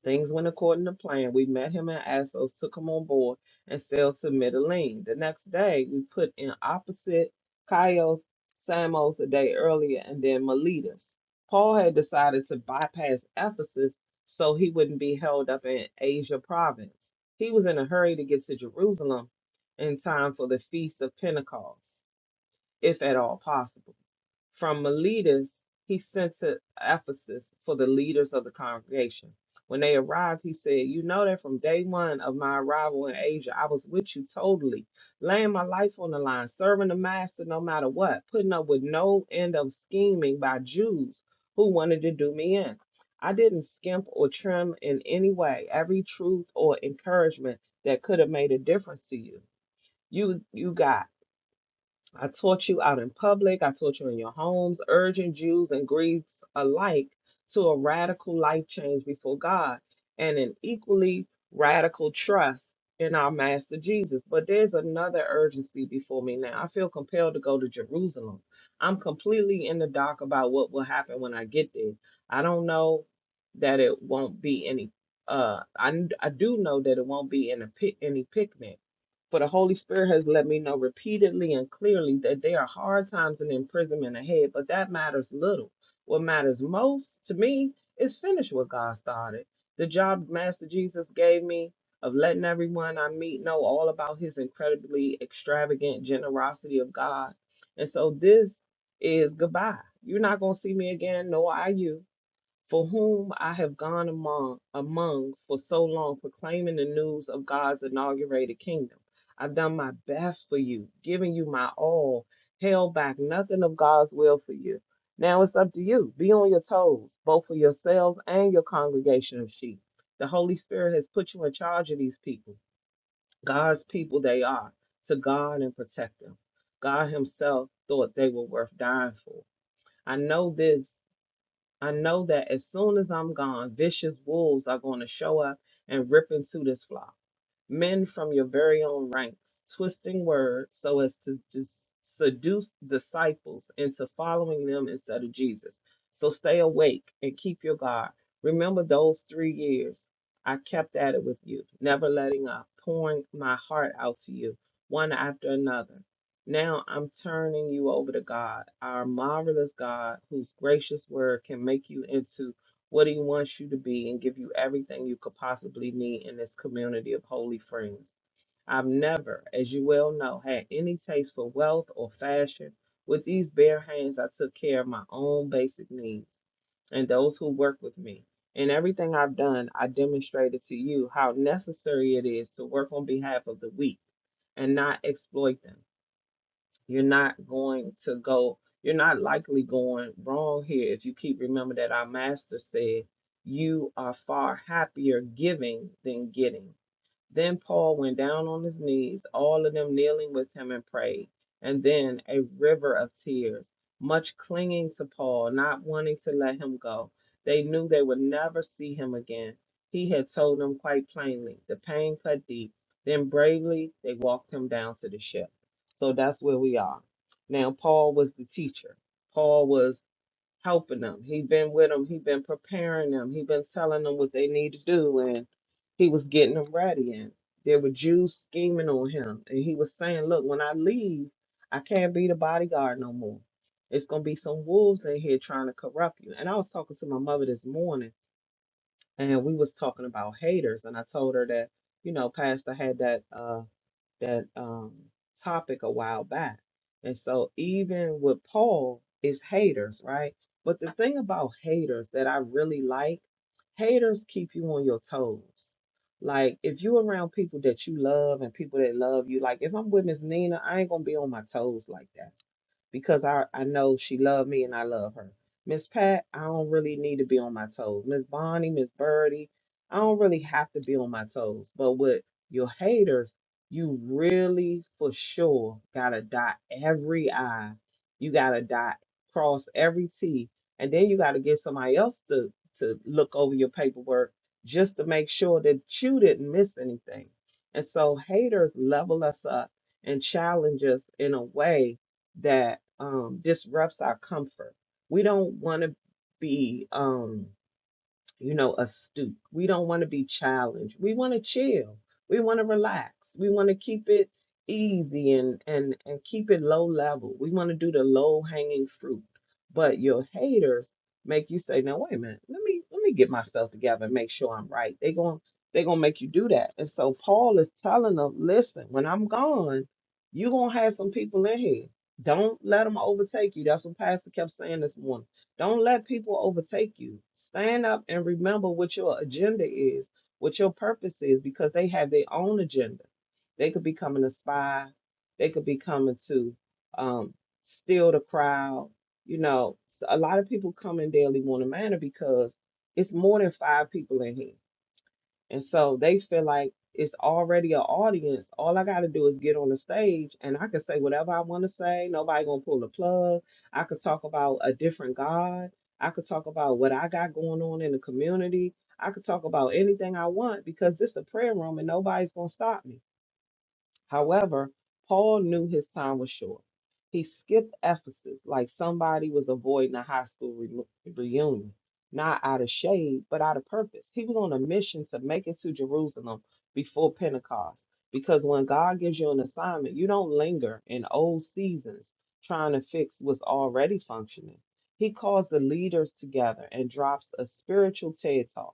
C: Things went according to plan. We met him in Assos, took him on board, and sailed to Mytilene. The next day, we put in opposite Chios, Samos a day earlier, and then Miletus. Paul had decided to bypass Ephesus so he wouldn't be held up in Asia province. He was in a hurry to get to Jerusalem in time for the Feast of Pentecost, if at all possible. From Miletus he sent to Ephesus for the leaders of the congregation. When they arrived, he said, You know that from day one of my arrival in Asia, I was with you totally, laying my life on the line, serving the master no matter what, putting up with no end of scheming by Jews who wanted to do me in. I didn't skimp or trim in any way every truth or encouragement that could have made a difference to you. You you got. I taught you out in public. I taught you in your homes, urging Jews and Greeks alike to a radical life change before God and an equally radical trust in our Master Jesus. But there's another urgency before me now. I feel compelled to go to Jerusalem. I'm completely in the dark about what will happen when I get there. I don't know that it won't be any. Uh, I I do know that it won't be in a pic, any picnic. For the Holy Spirit has let me know repeatedly and clearly that there are hard times and imprisonment ahead, but that matters little. What matters most to me is finish what God started. The job Master Jesus gave me of letting everyone I meet know all about his incredibly extravagant generosity of God. And so this is goodbye. You're not going to see me again, nor are you for whom I have gone among among for so long, proclaiming the news of God's inaugurated kingdom. I've done my best for you, giving you my all, held back nothing of God's will for you. Now it's up to you. Be on your toes, both for yourselves and your congregation of sheep. The Holy Spirit has put you in charge of these people, God's people they are, to guard and protect them. God Himself thought they were worth dying for. I know this I know that as soon as I'm gone, vicious wolves are going to show up and rip into this flock men from your very own ranks, twisting words so as to dis- seduce disciples into following them instead of Jesus. So stay awake and keep your guard. Remember those three years I kept at it with you, never letting up, pouring my heart out to you, one after another. Now I'm turning you over to God, our marvelous God, whose gracious word can make you into what He wants you to be and give you everything you could possibly need in this community of holy friends. I've never, as you well know, had any taste for wealth or fashion. With these bare hands, I took care of my own basic needs and those who work with me. In everything I've done, I demonstrated to you how necessary it is to work on behalf of the weak and not exploit them. You're not going to go, you're not likely going wrong here if you keep remember that our master said, you are far happier giving than getting. Then Paul went down on his knees, all of them kneeling with him and prayed. And then a river of tears, much clinging to Paul, not wanting to let him go. They knew they would never see him again. He had told them quite plainly. The pain cut deep. Then bravely they walked him down to the ship. So that's where we are. Now, Paul was the teacher. Paul was helping them. He been with them. He been preparing them. He been telling them what they need to do, and he was getting them ready. And there were Jews scheming on him, and he was saying, "Look, when I leave, I can't be the bodyguard no more. It's gonna be some wolves in here trying to corrupt you." And I was talking to my mother this morning, and we was talking about haters, and I told her that you know Pastor had that. uh that um, topic a while back. And so even with Paul, is haters, right? But the thing about haters that I really like, haters keep you on your toes. Like if you around people that you love and people that love you, like if I'm with Miss Nina, I ain't gonna be on my toes like that because I, I know she loved me and I love her. Miss Pat, I don't really need to be on my toes. Miss Bonnie, Miss Birdie, I don't really have to be on my toes. But with your haters, you really for sure gotta dot every I. You gotta dot cross every T. And then you gotta get somebody else to to look over your paperwork just to make sure that you didn't miss anything. And so haters level us up and challenge us in a way that um, disrupts our comfort. We don't want to be. Um, you know, astute. We don't want to be challenged. We want to chill. We want to relax. We want to keep it easy and and and keep it low level. We want to do the low hanging fruit. But your haters make you say, "Now wait a minute. Let me let me get myself together and make sure I'm right." They going they're going to make you do that. And so Paul is telling them, "Listen, when I'm gone, you're going to have some people in here. Don't let them overtake you." That's what Pastor kept saying this morning don't let people overtake you. Stand up and remember what your agenda is, what your purpose is, because they have their own agenda. They could be coming to spy, they could be coming to um, steal the crowd. You know, s- a lot of people come in daily morning manner because it's more than five people in here and so they feel like it's already an audience. All I got to do is get on the stage and I can say whatever I want to say. Nobody going to pull the plug. I could talk about a different God. I could talk about what I got going on in the community. I could talk about anything I want because this is a prayer room and nobody's going to stop me. However, Paul knew his time was short. He skipped Ephesus like somebody was avoiding a high school re- reunion, not out of shade, but out of purpose. He was on a mission to make it to Jerusalem before Pentecost because when God gives you an assignment, you don't linger in old seasons trying to fix what's already functioning. He calls the leaders together and drops a spiritual TED talk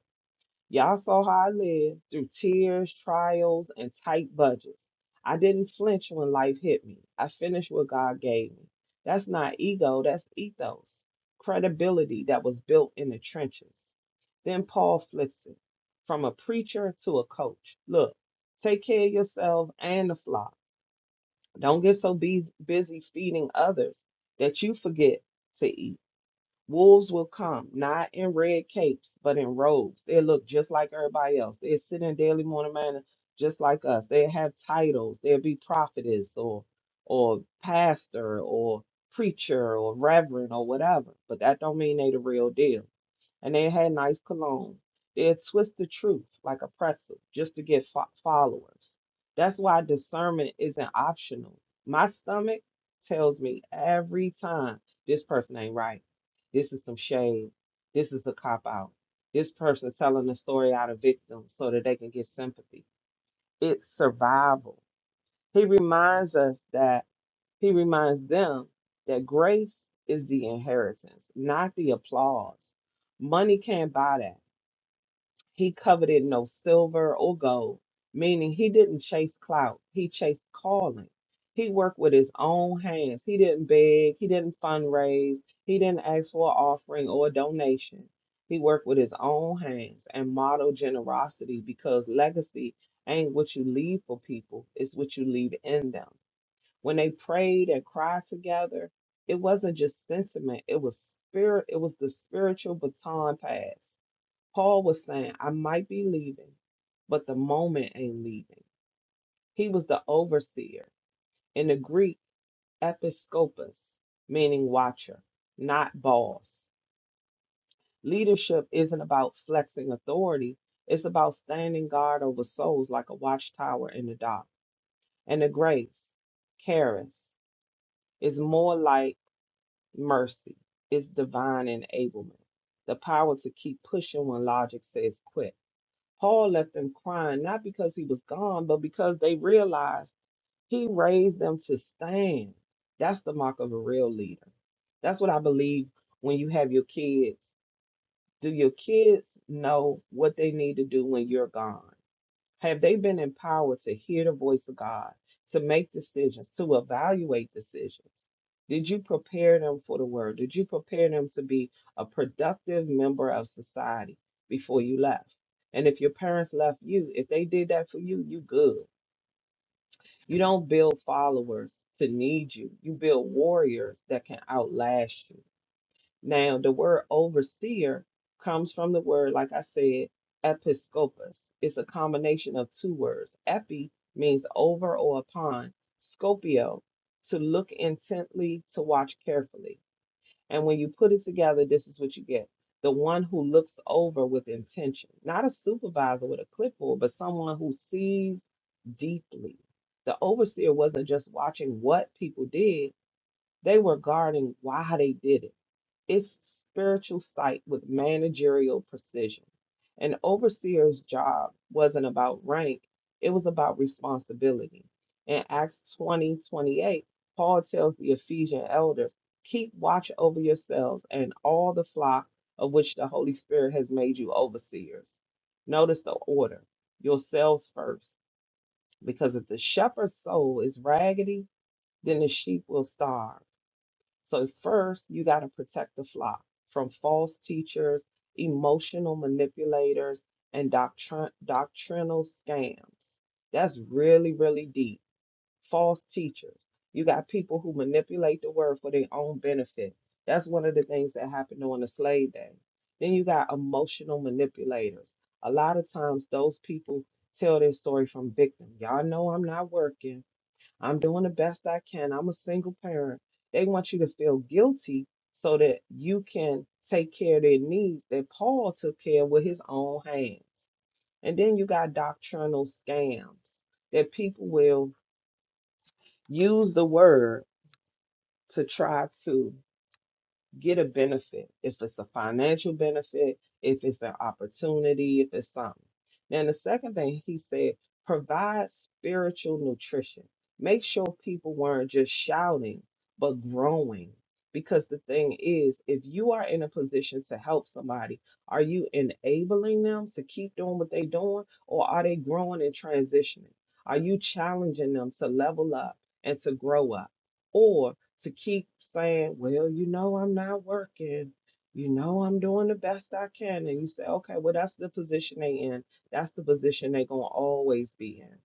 C: Y'all saw how I lived through tears, trials, and tight budgets. I didn't flinch when life hit me. I finished what God gave me. That's not ego, that's ethos, credibility that was built in the trenches. Then Paul flips it from a preacher to a coach. Look, take care of yourself and the flock. Don't get so be- busy feeding others that you forget to eat. Wolves will come, not in red capes, but in robes. They look just like everybody else. They sit in daily morning manner just like us. They have titles. They'll be prophetess or or pastor or preacher or reverend or whatever. But that don't mean they the real deal. And they had nice cologne. They'd twist the truth like a pretzel just to get fo- followers. That's why discernment isn't optional. My stomach tells me every time this person ain't right this is some shade. This is a cop out. This person telling the story out of victim so that they can get sympathy. It's survival. He reminds us that he reminds them that grace is the inheritance, not the applause. Money can't buy that. He coveted no silver or gold, meaning he didn't chase clout. He chased calling. He worked with his own hands. He didn't beg. He didn't fundraise. He didn't ask for an offering or a donation. He worked with his own hands and modeled generosity because legacy ain't what you leave for people, it's what you leave in them. When they prayed and cried together, it wasn't just sentiment, it was spirit, it was the spiritual baton pass Paul was saying, I might be leaving, but the moment ain't leaving. He was the overseer, in the Greek, episkopos, meaning watcher, not boss. Leadership isn't about flexing authority, it's about standing guard over souls like a watchtower in the dark. And the grace, charis, is more like mercy, it's divine enablement, the power to keep pushing when logic says quit Paul left them crying, not because he was gone, but because they realized he raised them to stand. That's the mark of a real leader. That's what I believe when you have your kids. Do your kids know what they need to do when you're gone? Have they been empowered to hear the voice of God, to make decisions, to evaluate decisions? Did you prepare them for the word? Did you prepare them to be a productive member of society before you left? And if your parents left you, if they did that for you, you good. You don't build followers to need you. You build warriors that can outlast you. Now, the word overseer comes from the word, like I said, episkopos. It's a combination of two words. Epi means over or upon, scopio, to look intently, to watch carefully. And when you put it together, this is what you get the one who looks over with intention, not a supervisor with a clipboard, but someone who sees deeply. The overseer wasn't just watching what people did, they were guarding why they did it it's spiritual sight with managerial precision. An overseer's job wasn't about rank, it was about responsibility. In Acts 20 28, Paul tells the Ephesian elders, Keep watch over yourselves and all the flock of which the Holy Spirit has made you overseers. Notice the order yourselves first, because if the shepherd's soul is raggedy, then the sheep will starve. So, first, you got to protect the flock from false teachers, emotional manipulators, and doctrin- doctrinal scams. That's really, really deep. False teachers. You got people who manipulate the word for their own benefit. That's one of the things that happened on the slave day. Then you got emotional manipulators. A lot of times, those people tell their story from victim. Y'all know I'm not working. I'm doing the best I can. I'm a single parent. They want you to feel guilty so that you can take care of their needs that Paul took care of with his own hands. And then you got doctrinal scams that people will use the word to try to get a benefit. If it's a financial benefit, if it's an opportunity, if it's something. Now, the second thing he said, provide spiritual nutrition. Make sure people weren't just shouting, but growing. Because the thing is, if you are in a position to help somebody, are you enabling them to keep doing what they're doing, or are they growing and transitioning? Are you challenging them to level up and to grow up? or? to keep saying, Well, you know, I'm not working. You know, I'm doing the best I can. And you say, Okay, well, that's the position they in. That's the position they're going to always be in.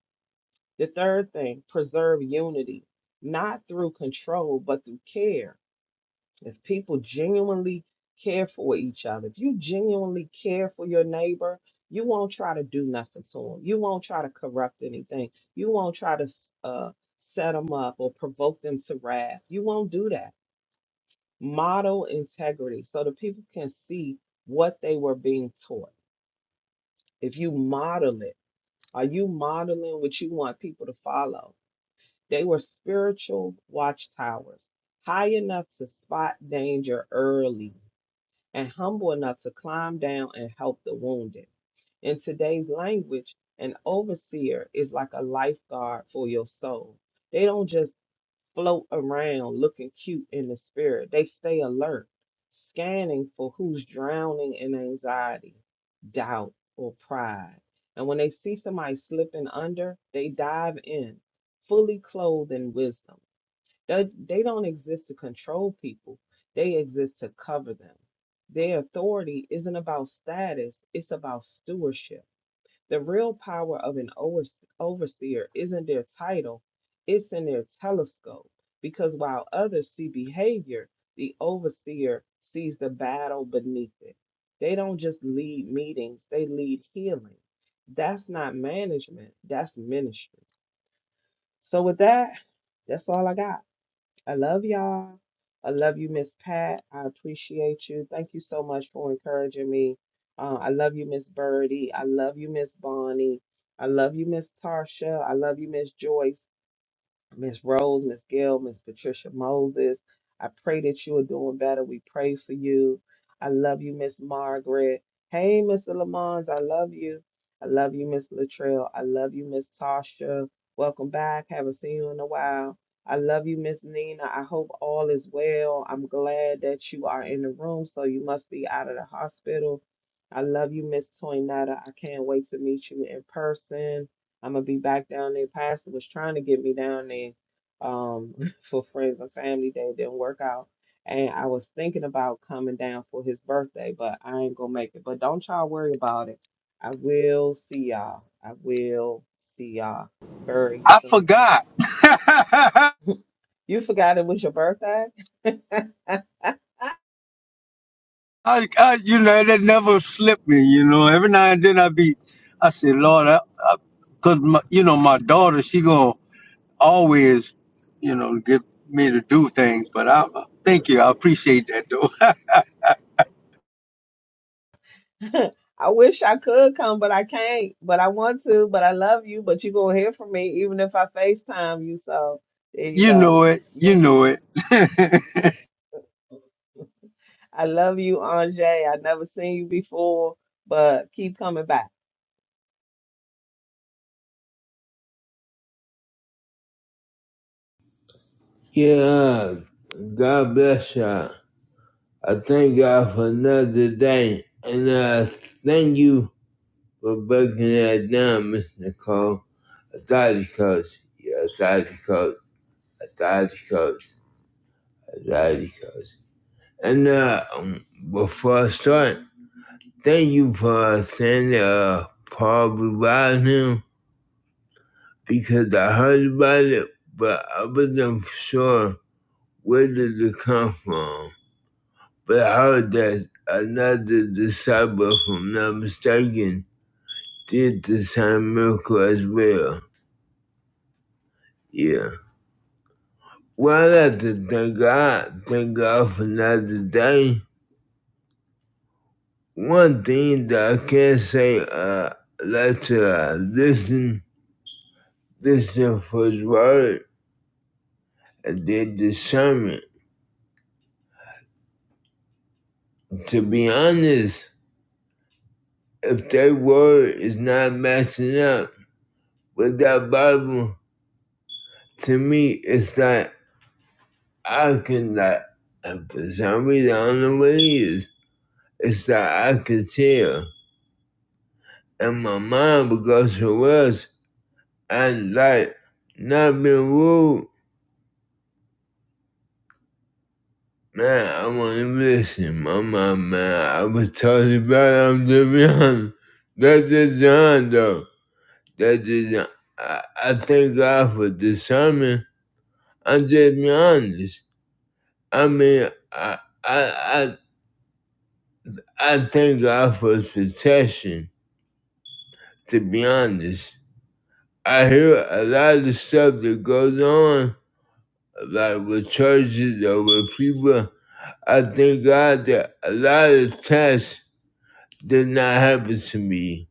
C: The third thing, preserve unity, not through control, but through care. If people genuinely care for each other, if you genuinely care for your neighbor, you won't try to do nothing to them. You won't try to corrupt anything. You won't try to uh, set them up or provoke them to wrath. You won't do that model integrity so the people can see what they were being taught. If you model it, are you modeling what you want people to follow? They were spiritual watchtowers, high enough to spot danger early and humble enough to climb down and help the wounded. In today's language, an overseer is like a lifeguard for your soul. They don't just float around looking cute in the spirit. They stay alert, scanning for who's drowning in anxiety, doubt, or pride. And when they see somebody slipping under, they dive in, fully clothed in wisdom. They, they don't exist to control people, they exist to cover them. Their authority isn't about status, it's about stewardship. The real power of an overs- overseer isn't their title, it's in their telescope. Because while others see behavior, the overseer sees the battle beneath it. They don't just lead meetings, they lead healing. That's not management, that's ministry. So, with that, that's all I got. I love y'all. I love you, Miss Pat. I appreciate you. Thank you so much for encouraging me. Uh, I love you, Miss Birdie. I love you, Miss Bonnie. I love you, Miss Tarsha. I love you, Miss Joyce. Miss Rose, Miss Gail, Miss Patricia Moses. I pray that you are doing better. We pray for you. I love you, Miss Margaret. Hey, Mr. Lamons, I love you. I love you, Miss Latrell. I love you, Miss Tasha. Welcome back. Haven't seen you in a while. I love you, Miss Nina. I hope all is well. I'm glad that you are in the room, so you must be out of the hospital. I love you, Miss Toinetta. I can't wait to meet you in person. I'm gonna be back down there. Pastor was trying to get me down there um for friends and family day. It didn't work out. And I was thinking about coming down for his birthday, but I ain't gonna make it. But don't y'all worry about it. I will see y'all. I will see y'all very
A: I
C: soon.
A: forgot.
C: You forgot it was your birthday?
A: I, I, you know, that never slipped me. You know, every now and then I be, I say, Lord, I, I, cause my, you know, my daughter, she gonna always, you know, get me to do things. But I, thank you, I appreciate that though.
C: I wish I could come, but I can't. But I want to, but I love you, but you gonna hear from me even if I FaceTime you. So there you
A: you
C: go.
A: know it, you
C: Miss
A: know it.
C: I love you, Anjay. I never seen you before, but keep coming back.
B: Yeah, God bless you. I thank God for another day. And uh, thank you for breaking that down, Miss Nicole. Authority coach. Yeah, authority coach. Authority coach. Authority coach. And uh, um, before I start, Thank you for sending uh Paul Revising because I heard about it, but I wasn't sure where did it come from. But I heard that another disciple, if I'm not mistaken, did the same miracle as well. Yeah. Well, I have to thank God. Thank God for another day. One thing that I can say, uh, I like to uh, listen, listen for His word their discernment. To be honest, if their word is not matching up with that Bible, to me, it's like I can, like, if for some reason, I don't know what it is, it's like I can tell. And my mind would go somewhere else. And, like, not being rude, man, I want to listen. My mind, man, I was totally bad. I'm just being honest. That's just John, though. That is, I, I thank God for discernment. I'm just be honest. I mean, I I I, I thank God for his protection. To be honest, I hear a lot of the stuff that goes on, like with churches or with people. I thank God that a lot of tests did not happen to me.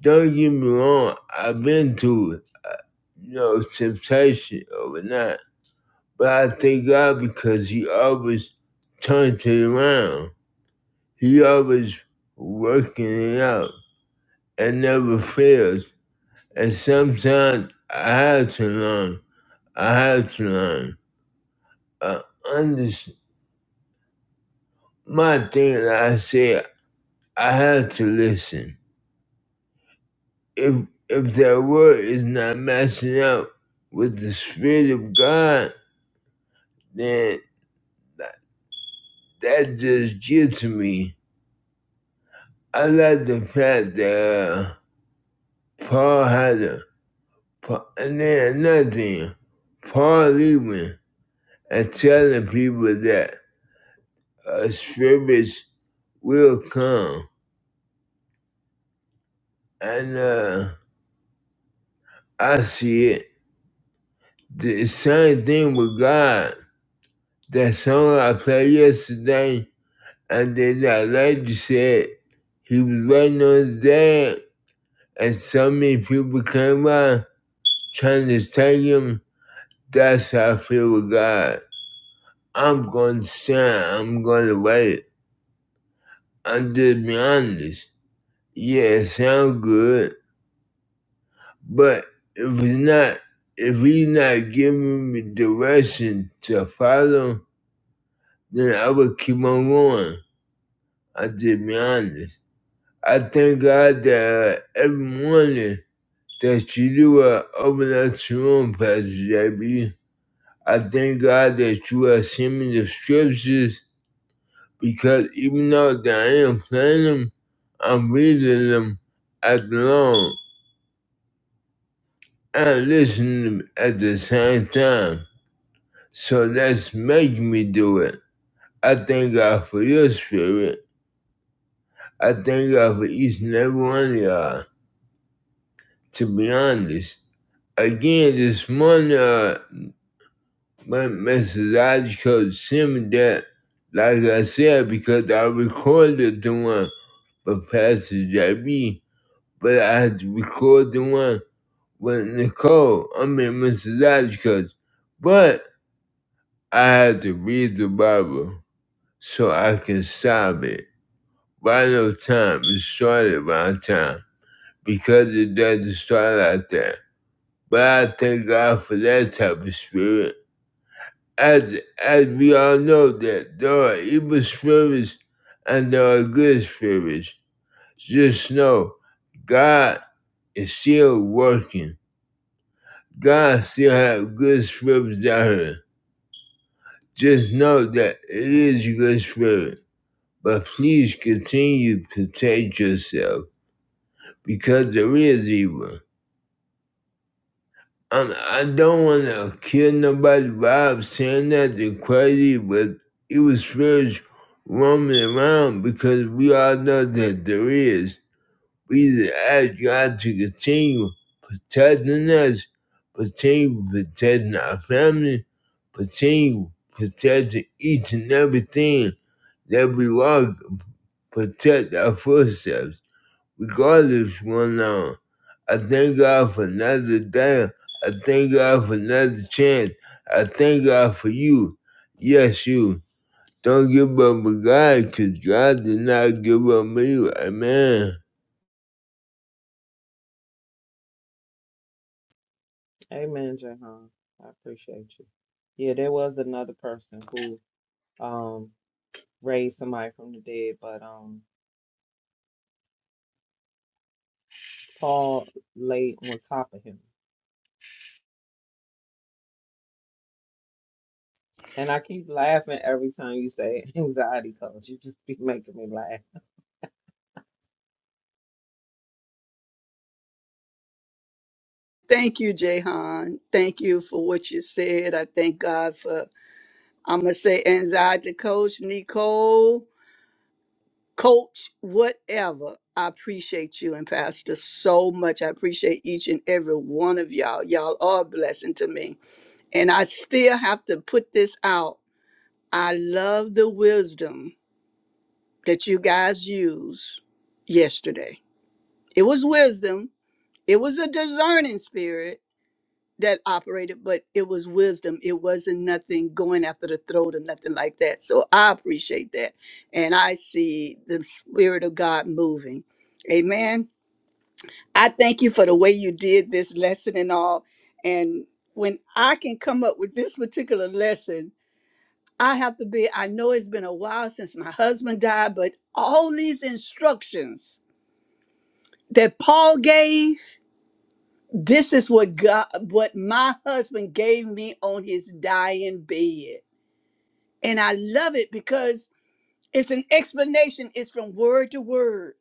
B: Don't get me wrong. I've been through, it, uh, you know, temptation or whatnot But I thank God because He always turns it around. He always working it out and never fails. And sometimes I have to learn. I have to learn. I understand. My thing that I say, I have to listen. If if that word is not matching up with the spirit of God, then that that just gets to me. I like the fact that. uh, Paul Hader, Paul, and then another thing, Paul Lehman, and telling people that a scrimmage will come. And uh, I see it. The same thing with God. That song I played yesterday, and then that lady said he was waiting on his dad, and so many people came by trying to take him. That's how I feel with God. I'm gonna try, I'm gonna wait. I'm just be honest. Yeah, it sound good, but if it's not, if he's not giving me direction to follow, then I will keep on going. I just be honest. I thank God that uh, every morning that you do uh, open up your room, Pastor JB. I thank God that you are sending the scriptures because even though that I am playing them, I'm reading them at long and listening to 'em at the same time. So that's making me do it. I thank God for your spirit. I thank God for each and every one of y'all, to be honest. Again, this morning, uh, my message coach sent me that, like I said, because I recorded the one for Pastor JB, but I had to record the one with Nicole, I mean Mrs. Dodgecuz, but I had to read the Bible so I can stop it. By no time it started by time because it doesn't start out there. But I thank God for that type of spirit. As as we all know that there are evil spirits and there are good spirits. Just know God is still working. God still has good spirits out here Just know that it is your spirit, but please continue to protect yourself because there is evil. And I don't want to kill nobody by saying that they're crazy, but evil spirits roaming around because we all know that there is. We ask God to continue protecting us, continue protecting our family, continue protecting each and everything that we walk, protect our footsteps, regardless of what's going on. I thank God for another day. I thank God for another chance. I thank God for you. Yes, you. Don't give up on God, because God did not give up on you. Amen.
C: Amen, Jahan. I appreciate you. Yeah, there was another person who um raised somebody from the dead, but um Paul laid on top of him. And I keep laughing every time you say anxiety because you just be making me laugh.
D: Thank you, Jahan. Thank you for what you said. I thank God for, I'm going to say, anxiety coach, Nicole, coach, whatever. I appreciate you and Pastor so much. I appreciate each and every one of y'all. Y'all are a blessing to me. And I still have to put this out. I love the wisdom that you guys used yesterday. It was wisdom, it was a discerning spirit that operated, but it was wisdom. It wasn't nothing going after the throat or nothing like that. So I appreciate that. And I see the Spirit of God moving. Amen. I thank you for the way you did this lesson and all. And when I can come up with this particular lesson, I have to be, I know it's been a while since my husband died, but all these instructions that Paul gave This is what God, what my husband gave me on his dying bed. And I love it because it's an explanation, it's from word to word.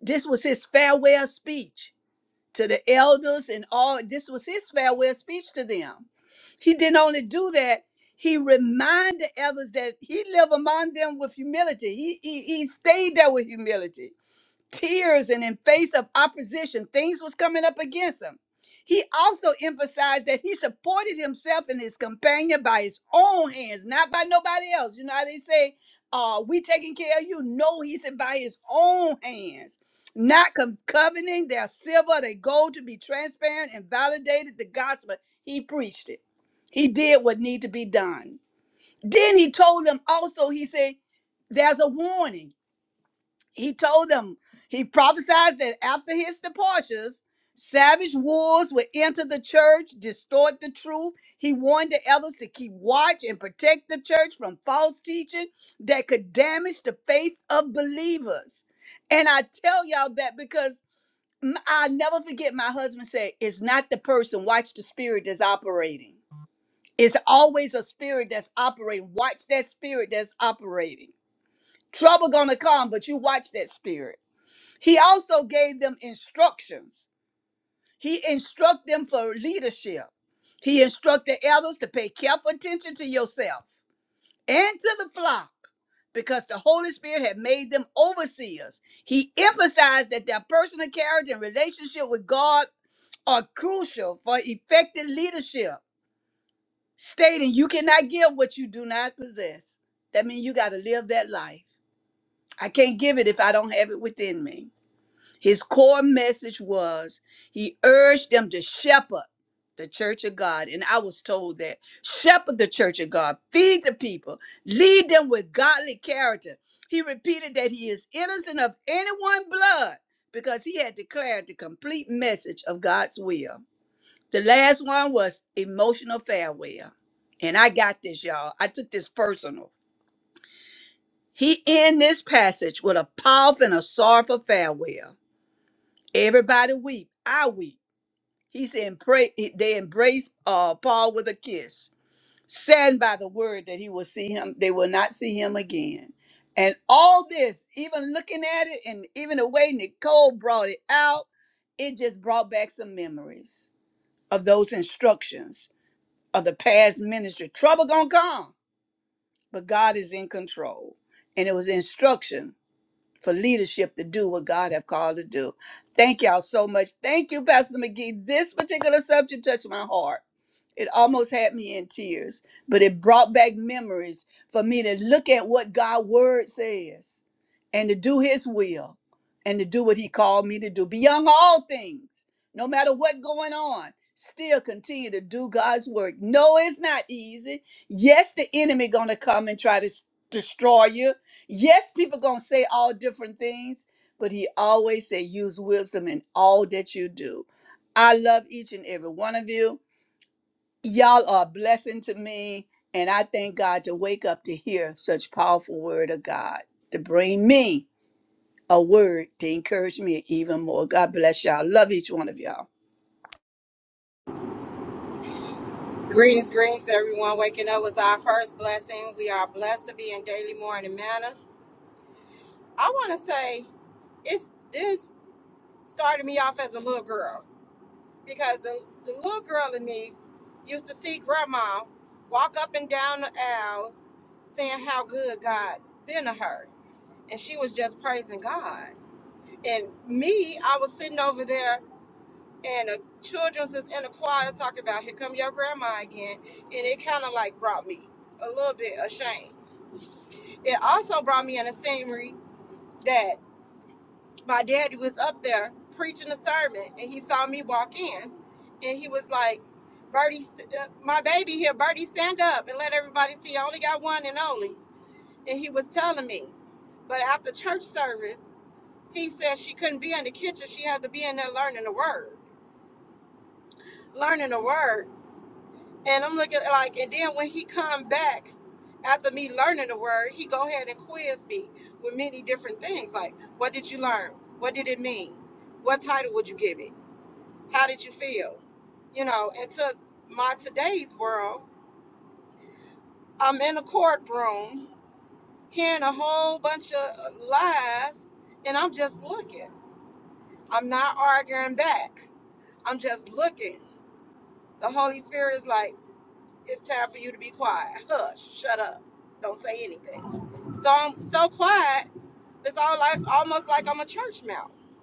D: This was his farewell speech to the elders and all. This was his farewell speech to them. He didn't only do that, he reminded others that he lived among them with humility. He, he, he stayed there with humility tears and in face of opposition things was coming up against him he also emphasized that he supported himself and his companion by his own hands not by nobody else you know how they say uh we taking care of you no he said by his own hands not com- coveting their silver their gold to be transparent and validated the gospel he preached it he did what need to be done then he told them also he said there's a warning he told them, he prophesied that after his departures, savage wolves would enter the church, distort the truth. He warned the elders to keep watch and protect the church from false teaching that could damage the faith of believers. And I tell y'all that because m- I'll never forget my husband said, It's not the person, watch the spirit that's operating. It's always a spirit that's operating. Watch that spirit that's operating. Trouble gonna come, but you watch that spirit he also gave them instructions. He instructed them for leadership. He instructed elders to pay careful attention to yourself and to the flock because the Holy Spirit had made them overseers. He emphasized that their personal character and relationship with God are crucial for effective leadership, stating, You cannot give what you do not possess. That means you got to live that life. I can't give it if I don't have it within me. His core message was he urged them to shepherd the church of God. And I was told that shepherd the church of God, feed the people, lead them with godly character. He repeated that he is innocent of anyone's blood because he had declared the complete message of God's will. The last one was emotional farewell. And I got this, y'all. I took this personal. He end this passage with a powerful and a sorrowful farewell. Everybody weep. I weep. He said, pray. They embraced uh, Paul with a kiss, saddened by the word that he will see him. They will not see him again. And all this, even looking at it, and even the way Nicole brought it out, it just brought back some memories of those instructions of the past ministry. Trouble gonna come, but God is in control, and it was instruction for leadership to do what God have called to do. Thank y'all so much. Thank you, Pastor McGee. This particular subject touched my heart. It almost had me in tears, but it brought back memories for me to look at what God word says and to do his will and to do what he called me to do beyond all things no matter what going on still continue to do god's work no it's not easy yes the enemy gonna come and try to s- destroy you Yes, people gonna say all different things, but he always say use wisdom in all that you do. I love each and every one of you. Y'all are a blessing to me, and I thank God to wake up to hear such powerful word of God to bring me a word to encourage me even more. God bless y'all. Love each one of y'all.
E: Greetings, greetings, everyone. Waking up was our first blessing. We are blessed to be in daily morning manna. I want to say it's this started me off as a little girl because the, the little girl in me used to see grandma walk up and down the aisles saying how good God been to her. And she was just praising God. And me, I was sitting over there and the children's is in the choir talking about here come your grandma again and it kind of like brought me a little bit ashamed it also brought me in a scenery that my daddy was up there preaching a sermon and he saw me walk in and he was like Bertie, st- uh, my baby here, Bertie, stand up and let everybody see. I only got one and only. And he was telling me. But after church service, he said she couldn't be in the kitchen. She had to be in there learning the word. Learning the word. And I'm looking like, and then when he come back after me learning the word, he go ahead and quiz me with many different things. Like, what did you learn? What did it mean? What title would you give it? How did you feel? You know, and to my today's world, I'm in a courtroom hearing a whole bunch of uh, lies, and I'm just looking. I'm not arguing back. I'm just looking. The Holy Spirit is like. It's time for you to be quiet. Hush. Shut up. Don't say anything. So I'm so quiet. It's all like almost like I'm a church mouse.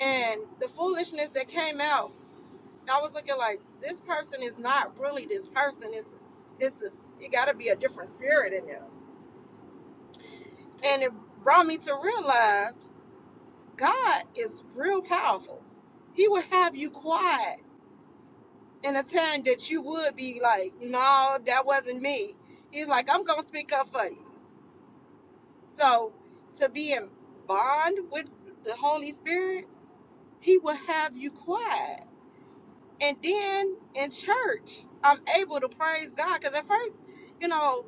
E: And the foolishness that came out, I was looking like this person is not really this person. It's it's this. It got to be a different spirit in them. And it brought me to realize God is real powerful. He will have you quiet in a time that you would be like, no, that wasn't me. He's like, I'm gonna speak up for you. So to be in bond with the Holy Spirit, He will have you quiet. And then in church, I'm able to praise God. Because at first, you know,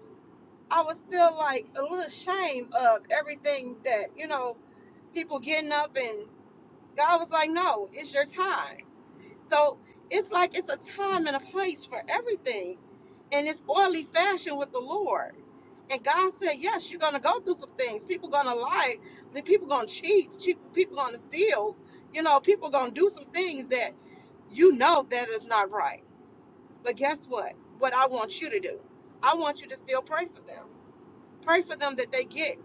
E: I was still like a little ashamed of everything that, you know, people getting up and God was like, no, it's your time so it's like it's a time and a place for everything. And it's oily fashion with the Lord. And God said, yes, you're going to go through some things. People going to lie. The people going to cheat. cheat- People going to steal. You know, people going to do some things that you know that is not right. But guess what? What I want you to do, I want you to still pray for them. Pray for them that they get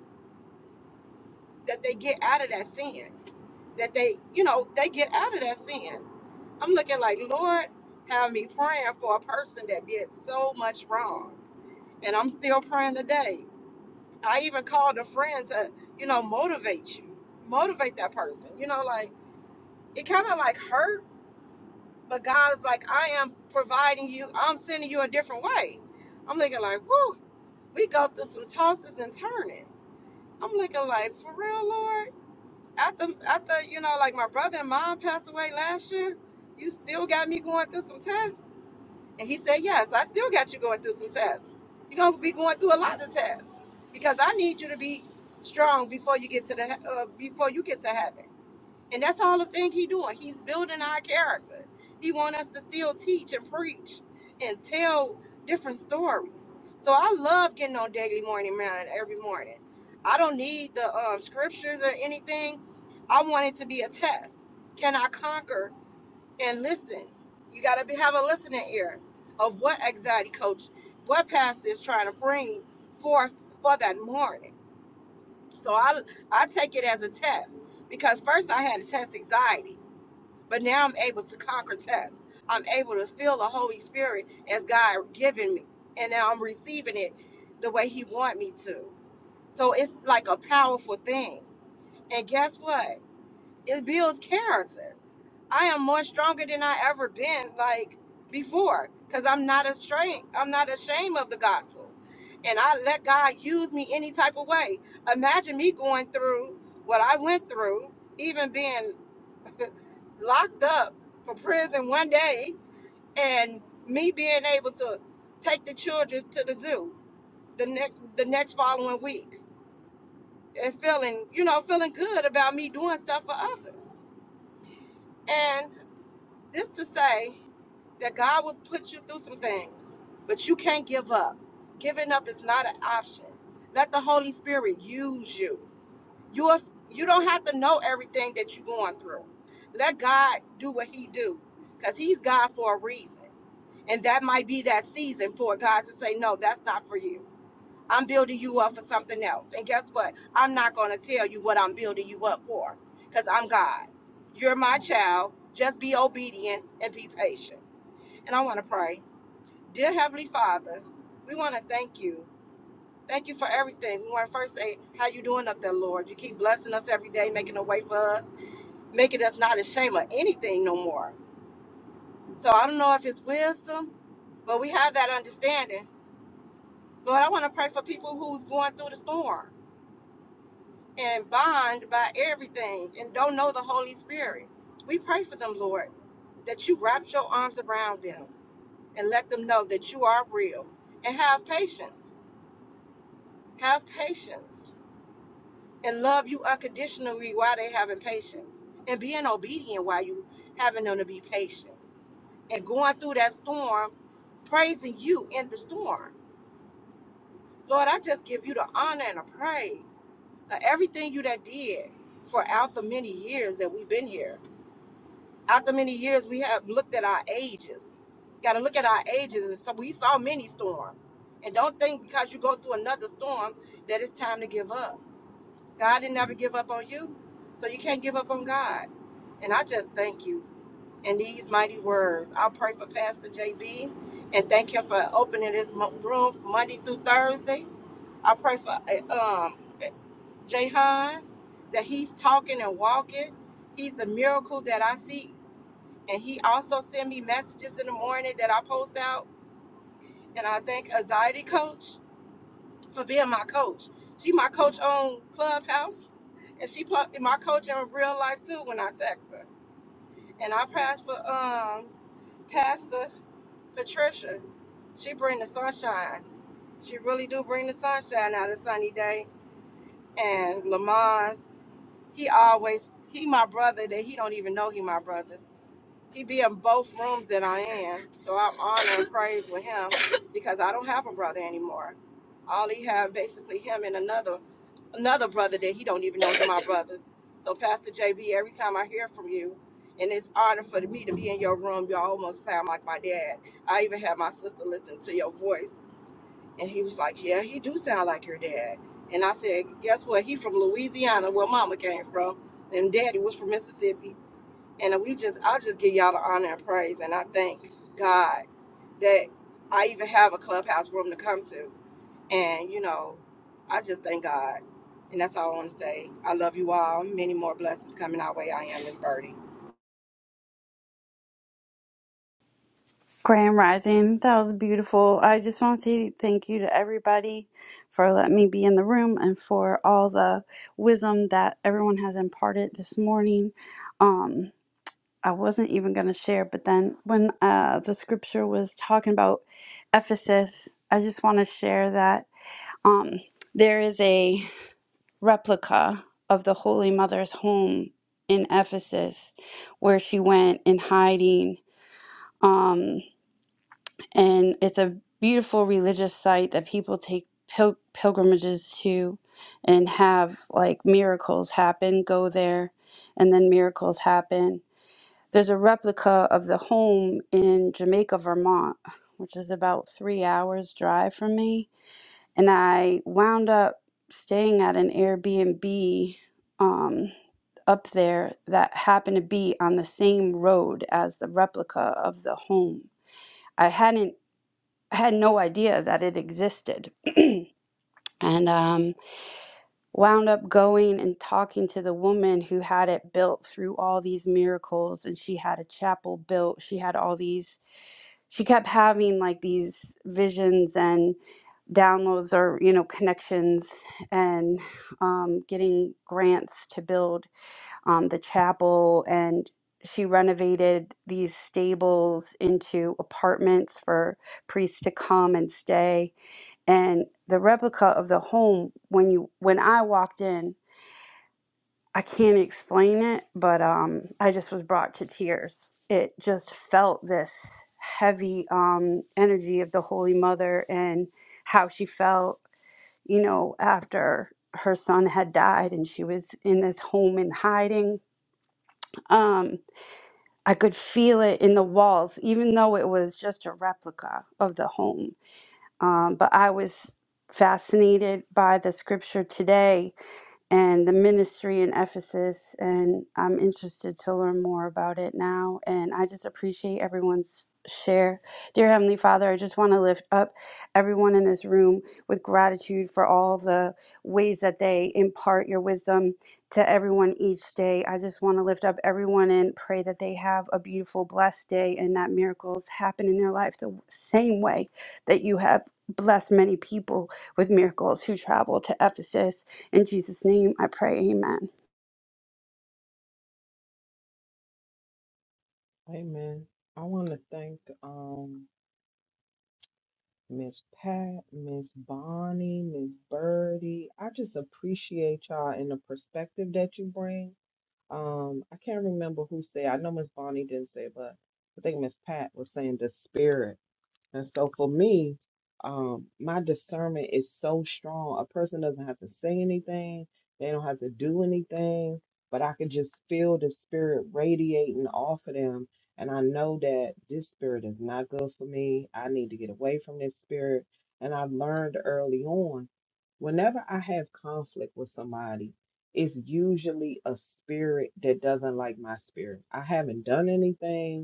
E: that they get out of that sin, that they, you know, they get out of that sin. I'm looking like, Lord, have me praying for a person that did so much wrong. And I'm still praying today. I even called a friend to, you know, motivate you, motivate that person. You know, like it kind of like hurt, but God is like, I am providing you, I'm sending you a different way. I'm looking like, whoo, we go through some tosses and turning. I'm looking like, for real, Lord? after after you know like my brother and mom passed away last year you still got me going through some tests and he said yes i still got you going through some tests you're going to be going through a lot of tests because i need you to be strong before you get to the he- uh, before you get to heaven and that's all the thing he doing. He's building our character. He want us to still teach and preach and tell different stories. So I love getting on daily morning man every morning. I don't need the um, scriptures or anything. I want it to be a test. Can I conquer and listen? You got to have a listening ear of what anxiety coach, what pastor is trying to bring forth for that morning. So I I take it as a test because first I had to test anxiety but now I'm able to conquer tests. I'm able to feel the Holy Spirit as God given me. And now I'm receiving it the way He want me to. So it's like a powerful thing. And guess what? It builds character. I am more stronger than I ever been like before. Because I'm not ashamed. I'm not ashamed of the gospel. And I let God use me any type of way. Imagine me going through what I went through, even being locked up for prison one day and me being able to take the children to the zoo the next the next following week and feeling you know feeling good about me doing stuff for others and this to say that god will put you through some things but you can't give up giving up is not an option let the holy spirit use you you are, you don't have to know everything that you're going through let god do what he do because he's god for a reason And that might be that season for God to say, no, that's not for you. I'm building you up for something else. And guess what? I'm not going to tell you what I'm building you up for because I'm God. You're my child. Just be obedient and be patient. And I want to pray. Dear Heavenly Father, we want to thank you. Thank you for everything. We want to first say, how you doing up there, Lord? You keep blessing us every day, making a way for us, making us not ashamed of anything no more. So I don't know if it's wisdom, but we have that understanding Lord, I want to pray for people who's going through the storm and bond by everything and don't know the Holy Spirit. We pray for them, Lord, that you wrap your arms around them and let them know that you are real and have patience. Have patience and love you unconditionally while they having patience and being obedient while you having them to be patient and going through that storm, praising you in the storm Lord, I just give you the honor and the praise of everything you that did for out the many years that we've been here. Out the many years we have looked at our ages. Got to look at our ages. And so we saw many storms. And don't think because you go through another storm that it's time to give up. God didn't ever give up on you. So you can't give up on God. And I just thank you. In these mighty words, I will pray for Pastor JB and thank him for opening this mo- room Monday through Thursday I pray for uh, um Jahan that he's talking and walking. He's the miracle that I see. And he also send me messages in the morning that I post out. And I thank anxiety coach for being my coach. She my coach on Clubhouse. And she pl- my coach in real life too when I text her. And I pray for um Pastor Patricia. She bring the sunshine. She really do bring the sunshine out of sunny day. And Lamont. He always he my brother that he don't even know he my brother. He be in both rooms that I am, so I'm honored and praise with him because I don't have a brother anymore. All he have basically him and another another brother that he don't even know is my brother. So Pastor JB, every time I hear from you, and it's honor for me to be in your room, you almost sound like my dad. I even have my sister listen to your voice and he was like, Yeah, he do sound like your dad. And I said, Guess what? He from Louisiana, where mama came from, and daddy was from Mississippi. And we just I'll just give y'all the honor and praise. And I thank God that I even have a clubhouse room to come to. And, you know, I just thank God. And that's all I want to say. I love you all. Many more blessings coming our way. I am Miss Birdie.
F: Graham Rising, that was beautiful. I just want to say thank you to everybody for letting me be in the room and for all the wisdom that everyone has imparted this morning. Um, I wasn't even going to share, but then when uh, the scripture was talking about Ephesus, I just want to share that um, there is a replica of the Holy Mother's home in Ephesus where she went in hiding. Um, and it's a beautiful religious site that people take pil- pilgrimages to and have like miracles happen go there and then miracles happen there's a replica of the home in jamaica vermont which is about three hours drive from me and i wound up staying at an airbnb um, up there that happened to be on the same road as the replica of the home I hadn't I had no idea that it existed. and um, wound up going and talking to the woman who had it built through all these miracles. And she had a chapel built. She had all these, she kept having like these visions and downloads or, you know, connections and um, getting grants to build um, the chapel. And she renovated these stables into apartments for priests to come and stay and the replica of the home when you when I walked in, I can't explain it, but um I just was brought to tears. It just felt this heavy um energy of the Holy Mother and how she felt, you know, after her son had died and she was in this home in hiding. Um I could feel it in the walls even though it was just a replica of the home Um, but I was fascinated by the scripture today and the ministry in Ephesus. And I'm interested to learn more about it now. And I just appreciate everyone's share. Dear Heavenly Father, I just want to lift up everyone in this room with gratitude for all the ways that they impart your wisdom to everyone each day. I just want to lift up everyone and pray that they have a beautiful, blessed day and that miracles happen in their life the same way that you have blessed many people with miracles who travel to Ephesus in Jesus' name I pray, amen.
C: Amen. I want to thank um Miss Pat, Miss Bonnie, Miss Birdie. I just appreciate y'all and the perspective that you bring. Um, I can't remember who said. I know Miss Bonnie didn't say, but I think Miss Pat was saying the spirit. And so for me, um, my discernment is so strong. A person doesn't have to say anything, they don't have to do anything, but I can just feel the spirit radiating off of them. And I know that this spirit is not good for me. I need to get away from this spirit. And I learned early on whenever I have conflict with somebody, it's usually a spirit that doesn't like my spirit. I haven't done anything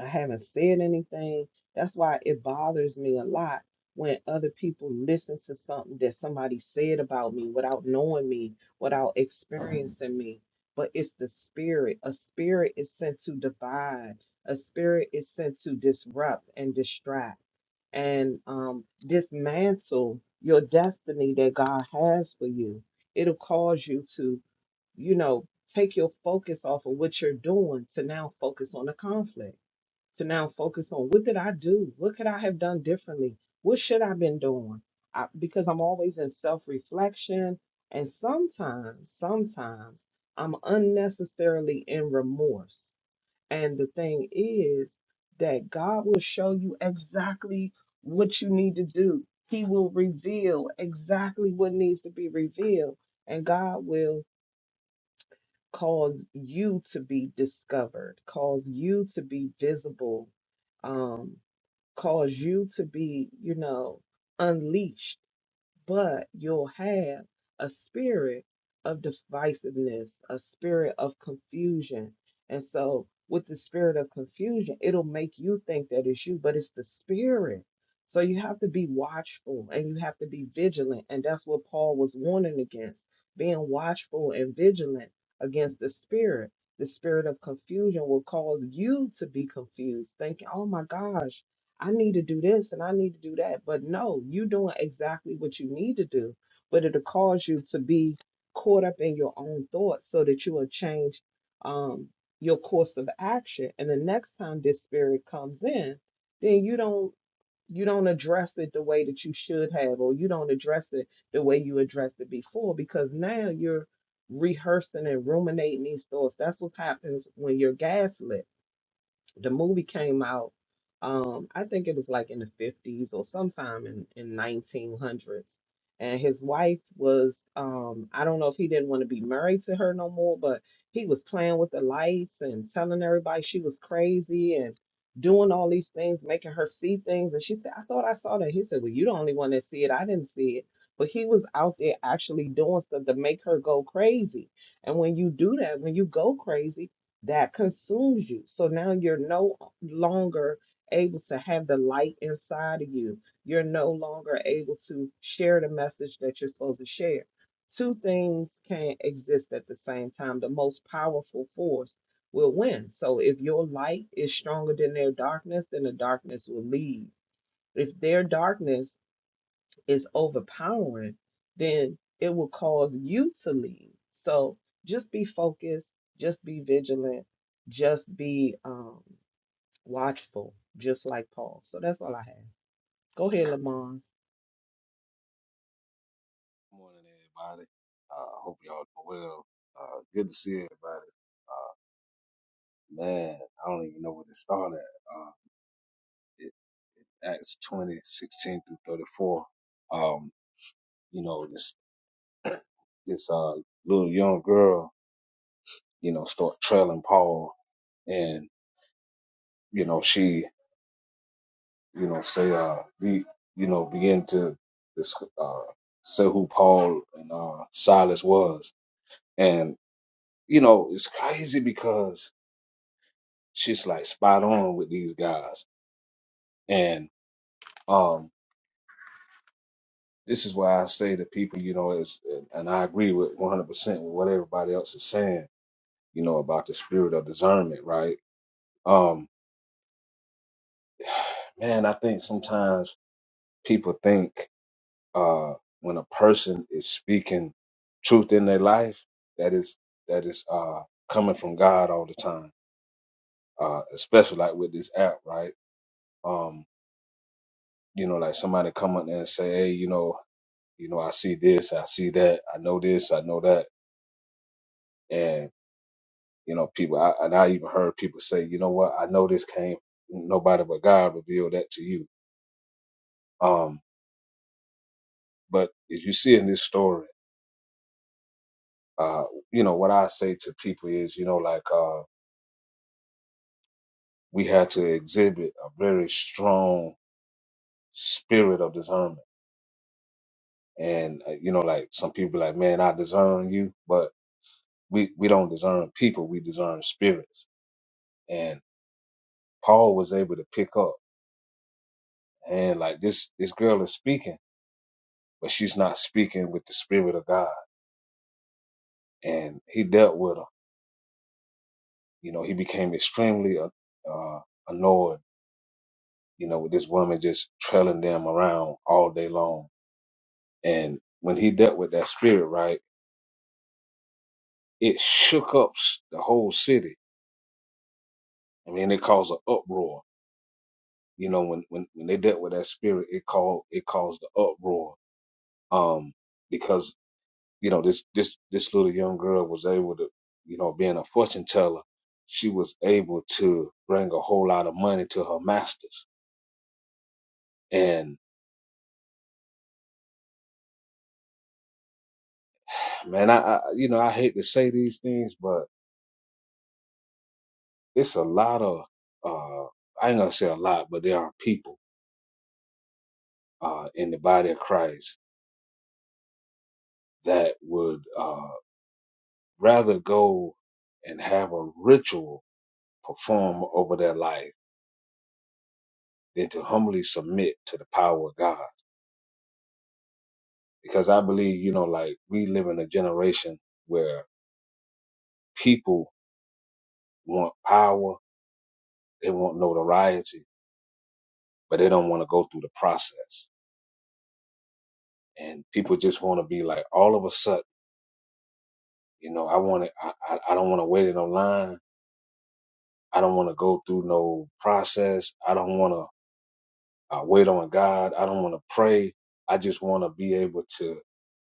C: I haven't said anything. That's why it bothers me a lot when other people listen to something that somebody said about me without knowing me, without experiencing me. But it's the spirit. A spirit is sent to divide, a spirit is sent to disrupt and distract and um, dismantle your destiny that God has for you. It'll cause you to, you know, take your focus off of what you're doing to now focus on the conflict to now focus on what did I do? What could I have done differently? What should I have been doing? I, because I'm always in self-reflection and sometimes, sometimes I'm unnecessarily in remorse. And the thing is that God will show you exactly what you need to do. He will reveal exactly what needs to be revealed, and God will cause you to be discovered, cause you to be visible Um cause you to be, you know, unleashed, but you'll have a spirit of divisiveness, a spirit of confusion. And so, with the spirit of confusion, it'll make you think that it's you, but it's the spirit. So, you have to be watchful and you have to be vigilant. And that's what Paul was warning against being watchful and vigilant against the spirit. The spirit of confusion will cause you to be confused, thinking, oh my gosh. I need to do this and I need to do that. But no, you're doing exactly what you need to do. But it'll cause you to be caught up in your own thoughts so that you will change um, your course of action. And the next time this spirit comes in, then you don't you don't address it the way that you should have, or you don't address it the way you addressed it before, because now you're rehearsing and ruminating these thoughts. That's what happens when you're gaslit the movie came out um i think it was like in the 50s or sometime in in 1900s and his wife was um i don't know if he didn't want to be married to her no more but he was playing with the lights and telling everybody she was crazy and doing all these things making her see things and she said i thought i saw that he said well you the only one that see it i didn't see it but he was out there actually doing stuff to make her go crazy and when you do that when you go crazy that consumes you. So now you're no longer able to have the light inside of you. You're no longer able to share the message that you're supposed to share. Two things can't exist at the same time. The most powerful force will win. So if your light is stronger than their darkness, then the darkness will leave. If their darkness is overpowering, then it will cause you to leave. So just be focused, just be vigilant, just be um, watchful, just like Paul. So that's all I have. Go ahead, Lamons.
G: morning, everybody. Uh, hope y'all doing well. Uh, good to see everybody. Uh, man, I don't even know where to start at. Uh, it, Acts 20 16 through 34. Um, you know, this, this, uh, little young girl, you know, start trailing Paul and, you know, she, you know, say, uh, be, you know, begin to, this, uh, say who Paul and, uh, Silas was. And, you know, it's crazy because She's like spot on with these guys. And um, this is why I say to people, you know, is and I agree with 100% with what everybody else is saying, you know, about the spirit of discernment, right? Um, man, I think sometimes people think uh, when a person is speaking truth in their life, that is that is uh, coming from God all the time, uh, especially like with this app, right? Um, you know, like somebody come up there and say, hey, you know, you know, I see this, I see that, I know this, I know that, and you know, people. I, and I even heard people say, you know what, I know this came, nobody but God revealed that to you. Um, but as you see in this story, uh, you know, what I say to people is, you know, like uh, we had to exhibit a very strong spirit of discernment, and uh, you know, like some people like, man, I discern you, but we we don't discern people, we discern spirits, and Paul was able to pick up. and like this this girl is speaking, but she's not speaking with the spirit of God. And he dealt with her. You know, he became extremely uh, uh, annoyed. You know, with this woman just trailing them around all day long. And when he dealt with that spirit, right, it shook up s- the whole city. I mean, it caused an uproar. You know, when when when they dealt with that spirit, it called it caused the uproar. Um, because you know this this this little young girl was able to you know being a fortune teller she was able to bring a whole lot of money to her masters and man i, I you know i hate to say these things but it's a lot of uh i ain't gonna say a lot but there are people uh in the body of christ that would uh rather go and have a ritual perform over their life than to humbly submit to the power of god because I believe, you know, like we live in a generation where people want power, they want notoriety, but they don't want to go through the process. And people just want to be like, all of a sudden, you know, I want to, I, I I don't want to wait in a line. I don't want to go through no process. I don't want to uh, wait on God. I don't want to pray. I just want to be able to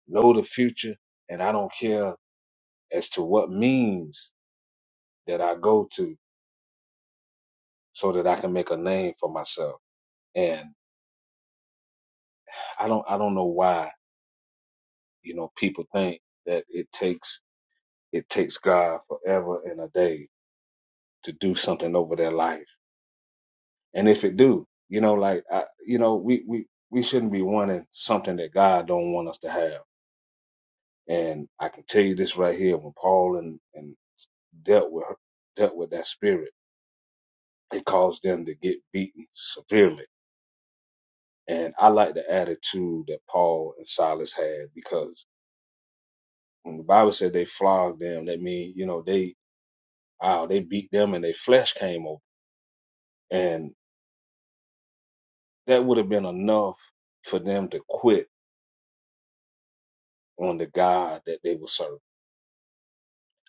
G: know the future. And I don't care as to what means that I go to so that I can make a name for myself. And I don't I don't know why you know people think that it takes it takes God forever and a day to do something over their life. And if it do, you know, like I, you know, we we we shouldn't be wanting something that God don't want us to have. And I can tell you this right here: when Paul and and dealt with dealt with that spirit, it caused them to get beaten severely. And I like the attitude that Paul and Silas had because when the Bible said they flogged them, that means you know they Wow, they beat them and their flesh came over. And that would have been enough for them to quit on the God that they were serving.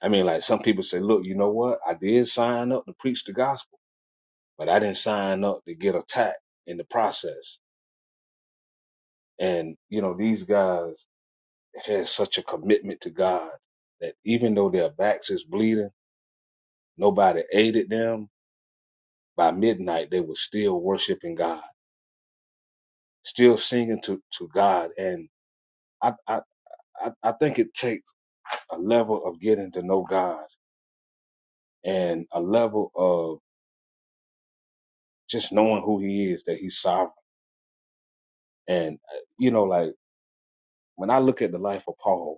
G: I mean, like some people say, look, you know what? I did sign up to preach the gospel, but I didn't sign up to get attacked in the process. And, you know, these guys had such a commitment to God that even though their backs is bleeding, nobody aided them. By midnight, they were still worshiping God, still singing to, to God. And I, I, I, I think it takes a level of getting to know God and a level of just knowing who He is, that He's sovereign. And uh, you know, like when I look at the life of Paul,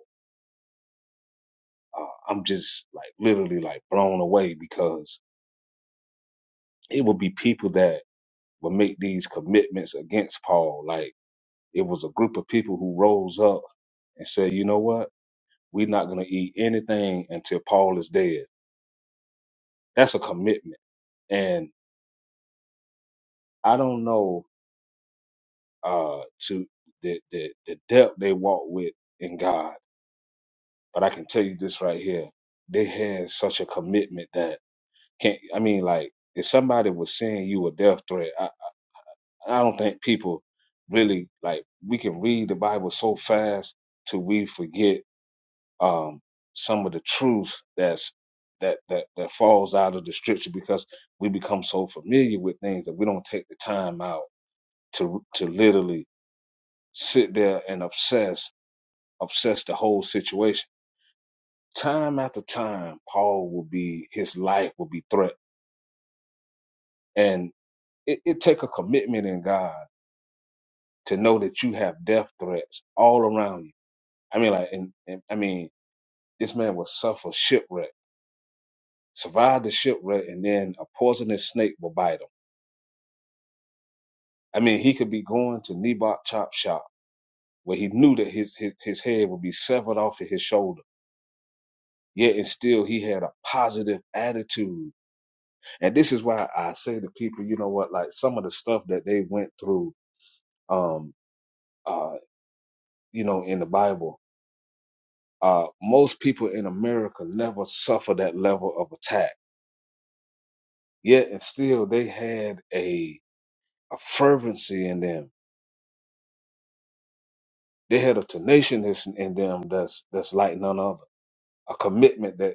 G: uh, I'm just like literally like blown away because it would be people that would make these commitments against Paul. Like it was a group of people who rose up and said, you know what, we're not going to eat anything until Paul is dead. That's a commitment, and I don't know uh, to the, the the depth they walk with in God. But I can tell you this right here: they had such a commitment that can't. I mean, like if somebody was sending you a death threat, I, I don't think people really like. We can read the Bible so fast till we forget um, some of the truth that's that that that falls out of the scripture because we become so familiar with things that we don't take the time out to to literally sit there and obsess obsess the whole situation. Time after time, Paul will be his life will be threatened, and it, it take a commitment in God to know that you have death threats all around you. I mean, like, and, and I mean, this man will suffer shipwreck, survive the shipwreck, and then a poisonous snake will bite him. I mean, he could be going to Nebot Chop Shop where he knew that his, his his head would be severed off of his shoulder. Yet and still, he had a positive attitude And this is why I say to people, you know what, like some of the stuff that they went through, um, uh, you know, in the Bible, uh, most people in America never suffer that level of attack. Yet and still, they had a a fervency in them. They had a tenaciousness in them that's that's like none other. A commitment that.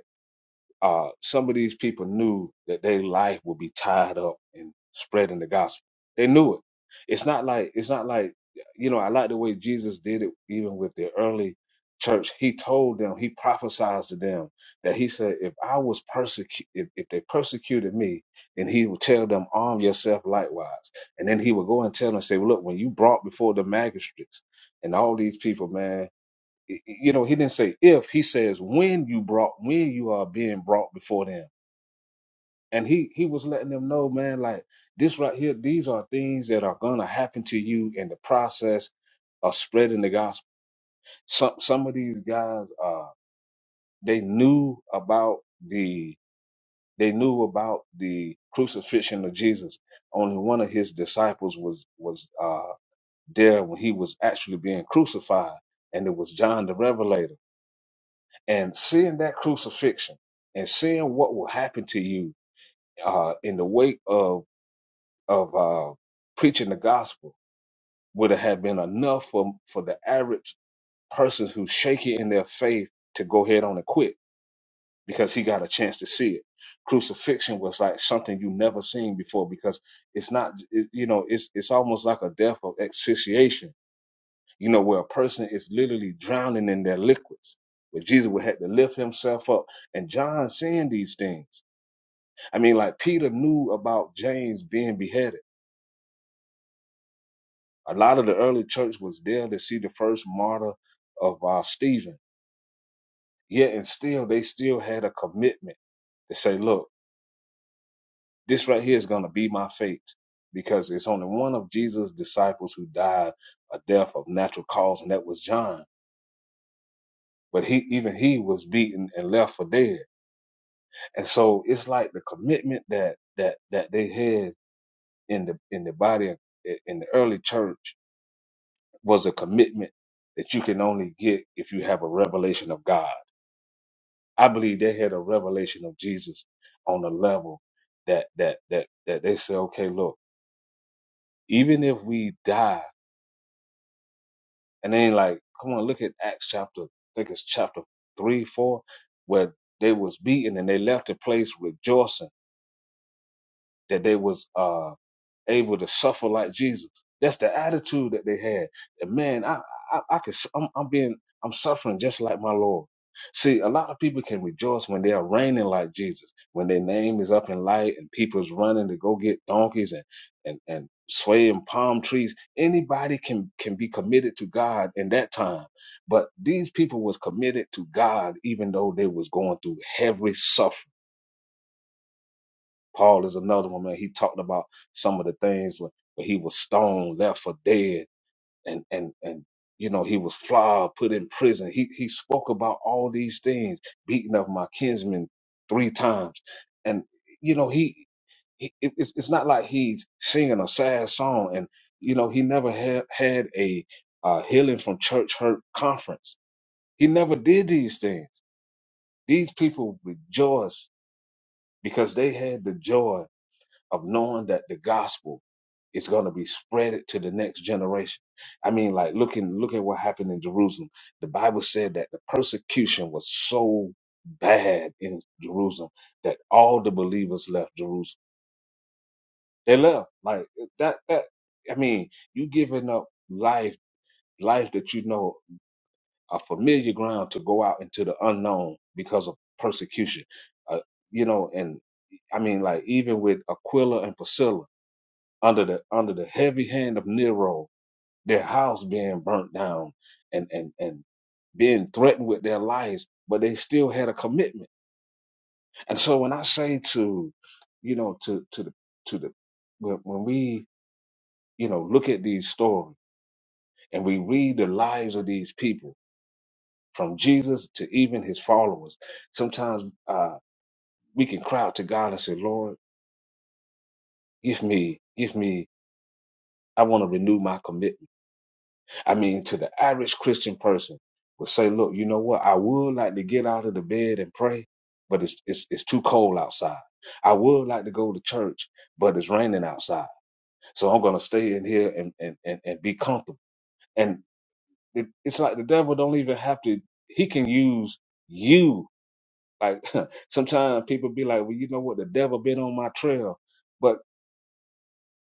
G: Uh, some of these people knew that their life would be tied up in spreading the gospel. They knew it. It's not like it's not like you know. I like the way Jesus did it, even with the early church. He told them, he prophesied to them that he said, if I was persecuted, if, if they persecuted me, then he would tell them, arm yourself likewise. And then he would go and tell them, say, "Well, look, when you brought before the magistrates and all these people, man, you know, he didn't say if, he says when you brought, when you are being brought before them. And he he was letting them know, man, like this right here, these are things that are gonna happen to you in the process of spreading the gospel. Some some of these guys uh they knew about the they knew about the crucifixion of Jesus. Only one of his disciples was was uh there when he was actually being crucified, and it was John the Revelator and seeing that crucifixion and seeing what will happen to you uh, in the wake of of uh, preaching the gospel would have been enough for for the average person who's shaky in their faith to go ahead on and quit because he got a chance to see it. Crucifixion was like something you never seen before because it's not it, you know it's it's almost like a death of asphyxiation you know, where a person is literally drowning in their liquids. But Jesus would have to lift himself up. And John seeing these things. I mean, like Peter knew about James being beheaded. A lot of the early church was there to see the first martyr of uh, Stephen. Yet and still, they still had a commitment to say, look, this right here is going to be my fate. Because it's only one of Jesus' disciples who died a death of natural cause, and that was John. But he, even he was beaten and left for dead. And so it's like the commitment that that that they had in the in the body in the early church was a commitment that you can only get if you have a revelation of God. I believe they had a revelation of Jesus on a level that that that that they say, okay, look, even if we die, and they ain't like, come on, look at Acts chapter, I think it's chapter three, four, where they was beaten and they left the place rejoicing that they was uh able to suffer like Jesus. That's the attitude that they had. And man, I, I, I can, I'm, I'm being, I'm suffering just like my Lord. See, a lot of people can rejoice when they are reigning like Jesus, when their name is up in light and people's running to go get donkeys and, and, and swaying palm trees. Anybody can, can be committed to God in that time. But these people was committed to God, even though they was going through heavy suffering Paul is another one, man. He talked about some of the things where, where he was stoned, left for dead, and and and you know he was flogged, put in prison. He he spoke about all these things, beating of my kinsmen three times, and you know he, he it- it's it's not like he's singing a sad song, and you know he never had had a uh, healing from church hurt conference. He never did these things. These people rejoice because they had the joy of knowing that the gospel is going to be spread to the next generation. I mean, like looking look at what happened in Jerusalem. The Bible said that the persecution was so bad in Jerusalem that all the believers left Jerusalem. They left. Like that that I mean, you giving up life life that you know a familiar ground to go out into the unknown because of persecution. Uh, you know, and I mean like even with Aquila and Priscilla under the under the heavy hand of Nero, their house being burnt down and and and being threatened with their lives, but they still had a commitment. And so when I say to, you know, to to the to the when when we you know look at these stories and we read the lives of these people from Jesus to even his followers, sometimes uh, we can cry out to God and say, Lord, give me, give me, I want to renew my commitment. I mean, to the average Christian person would say, look, you know what? I would like to get out of the bed and pray, but it's, it's, it's too cold outside. I would like to go to church, but it's raining outside. So I'm going to stay in here and, and, and, and be comfortable. And it, it's like the devil don't even have to, he can use you. Like sometimes people be like, well, you know what? The devil been on my trail, but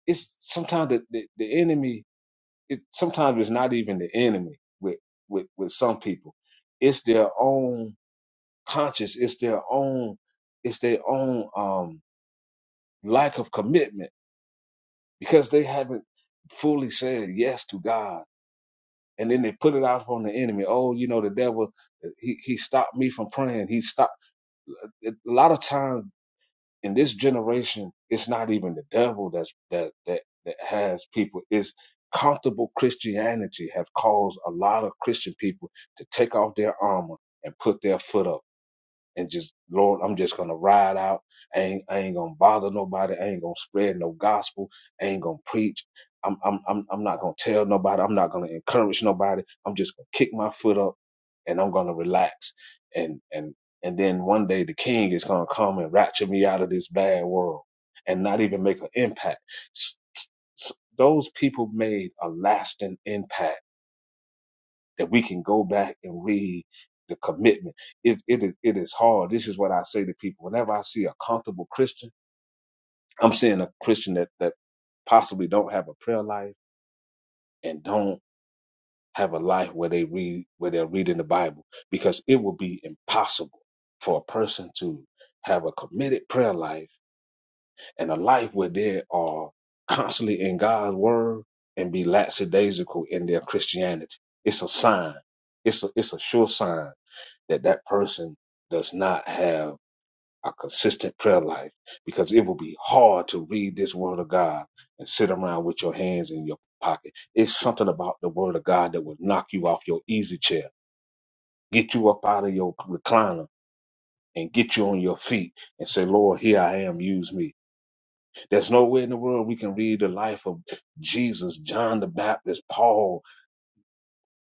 G: it's sometimes the, the, the enemy it sometimes it's not even the enemy with with with some people it's their own conscience it's their own it's their own um lack of commitment because they haven't fully said yes to god and then they put it out on the enemy oh you know the devil he he stopped me from praying he stopped uh, a lot of times in this generation, it's not even the devil that's that that that has people. It's comfortable Christianity have caused a lot of Christian people to take off their armor and put their foot up and just Lord, I'm just gonna ride out. I ain't I ain't gonna bother nobody. I ain't gonna spread no gospel. I ain't gonna preach. I'm I'm I'm I'm not gonna tell nobody. I'm not gonna encourage nobody. I'm just gonna kick my foot up and I'm gonna relax. And and and then one day the king is gonna come and rapture me out of this bad world and not even make an impact. S- s- those people made a lasting impact that we can go back and read the commitment. It, it, is- it is hard. This is what I say to people. Whenever I see a comfortable Christian, I'm seeing a Christian that, that possibly don't have a prayer life and don't have a life where they read where they're reading the Bible because it will be impossible for a person to have a committed prayer life and a life where they are constantly in God's word and be lackadaisical in their Christianity. It's a sign. It's a it's a sure sign that that person does not have a consistent prayer life because it will be hard to read this word of God and sit around with your hands in your pocket. It's something about the word of God that will knock you off your easy chair, get you up out of your recliner and get you on your feet and say, Lord, here I am, use me. There's no way in the world we can read the life of Jesus, John the Baptist, Paul,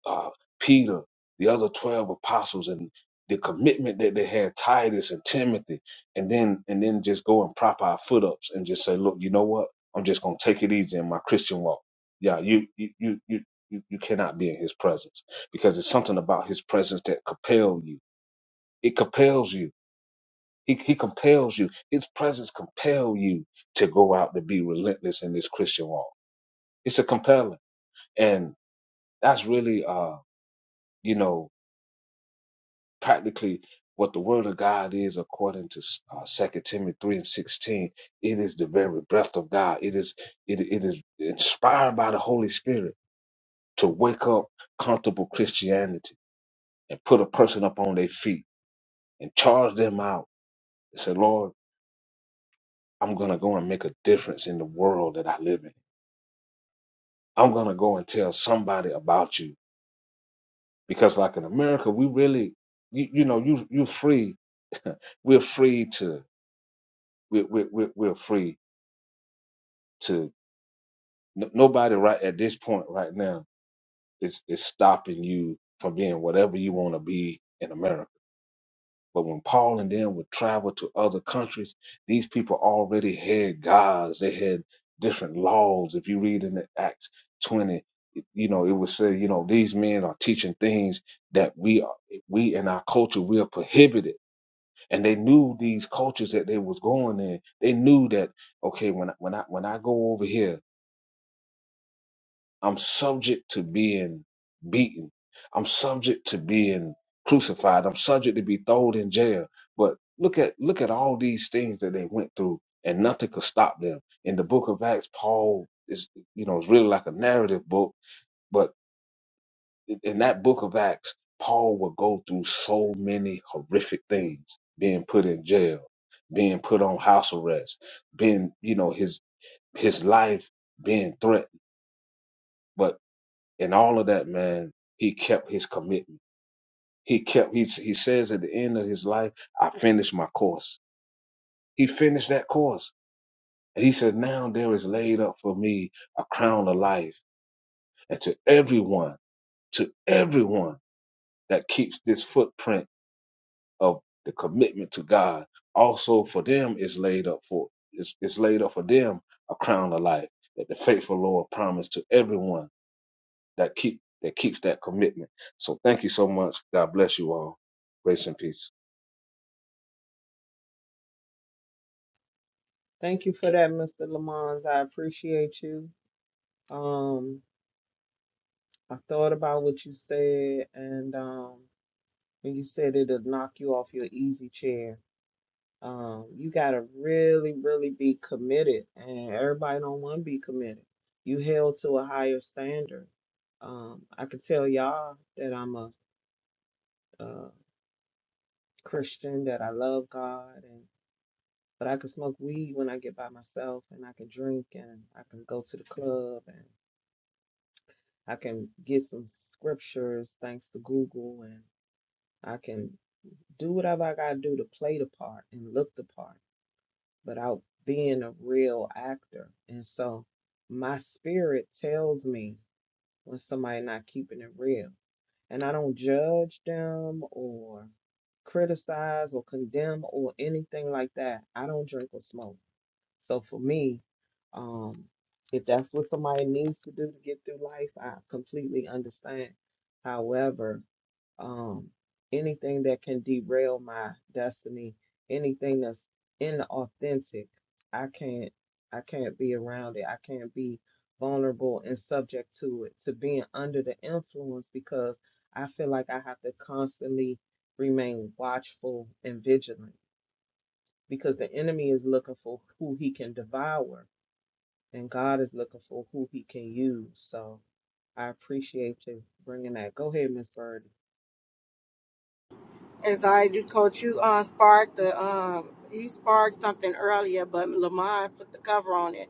G: uh, Peter, the other 12 apostles, and the commitment that they had, Titus and Timothy, and then and then just go and prop our foot ups and just say, look, you know what? I'm just gonna take it easy in my Christian walk. Yeah, you you you you you, you cannot be in his presence because it's something about his presence that compel you. It compels you. He, he compels you. His presence compel you to go out to be relentless in this Christian walk. It's a compelling, and that's really, uh, you know, practically what the word of God is according to uh, 2 Timothy 3 and 16. It is the very breath of God. It is it, it is inspired by the Holy Spirit to wake up comfortable Christianity and put a person up on their feet and charge them out and say, Lord, I'm gonna go and make a difference in the world that I live in. I'm gonna go and tell somebody about you. Because like in America, we really you, you know, you you're free. we're free to we're, we're, we're we're free N- nobody right at this point right now is is stopping you from being whatever you want to be in America. But when Paul and them would travel to other countries, these people already had gods. They had different laws. If you read in the Acts twenty, it- you know it would say, you know, these men are teaching things that we are, we in our culture we are prohibited. And they knew these cultures that they was going in. They knew that okay, when I, when I when I go over here I'm subject to being beaten. I'm subject to being crucified. I'm subject to be thrown in jail. But look at look at all these things that they went through, and nothing could stop them. In the book of Acts, Paul is you know it's really like a narrative book, but in in that book of Acts, Paul would go through so many horrific things: being put in jail, being put on house arrest, being you know his his life being threatened. But and all of that, man, he kept his commitment. He kept, he, he says at the end of his life, I finished my course. He finished that course. And he said, now there is laid up for me a crown of life. And to everyone, to everyone that keeps this footprint of the commitment to God, also for them is laid up for, is, is laid up for them a crown of life that the faithful Lord promised to everyone that keep that keeps that commitment. So thank you so much. God bless you all. Grace and peace.
C: Thank you for that, Mr. Lamons. I appreciate you. Um, I thought about what you said, and um, when you said it'll knock you off your easy chair, Um, you gotta really, really be committed, and everybody don't want to be committed. You held to a higher standard. Um, I could tell y'all that I'm a, uh Christian, that I love God, and but I can smoke weed when I get by myself, and I can drink, and I can go to the club, and I can get some scriptures thanks to Google, and I can do whatever I gotta do to play the part and look the part. without being a real actor. And so my spirit tells me when somebody not keeping it real. And I don't judge them or criticize or condemn or anything like that. I don't drink or smoke. So for me, um, if that's what somebody needs to do to get through life, I completely understand. However, um, anything that can derail my destiny, anything that's inauthentic, I can't I can't be around it. I can't be vulnerable and subject to it, to being under the influence because I feel like I have to constantly remain watchful and vigilant because the enemy is looking for who he can devour and God is looking for who he can use. So I appreciate you bringing that. Go ahead, Miss Bird.
E: As I do, Coach, you uh, sparked the um, you sparked something earlier, but Lamont put the cover on it.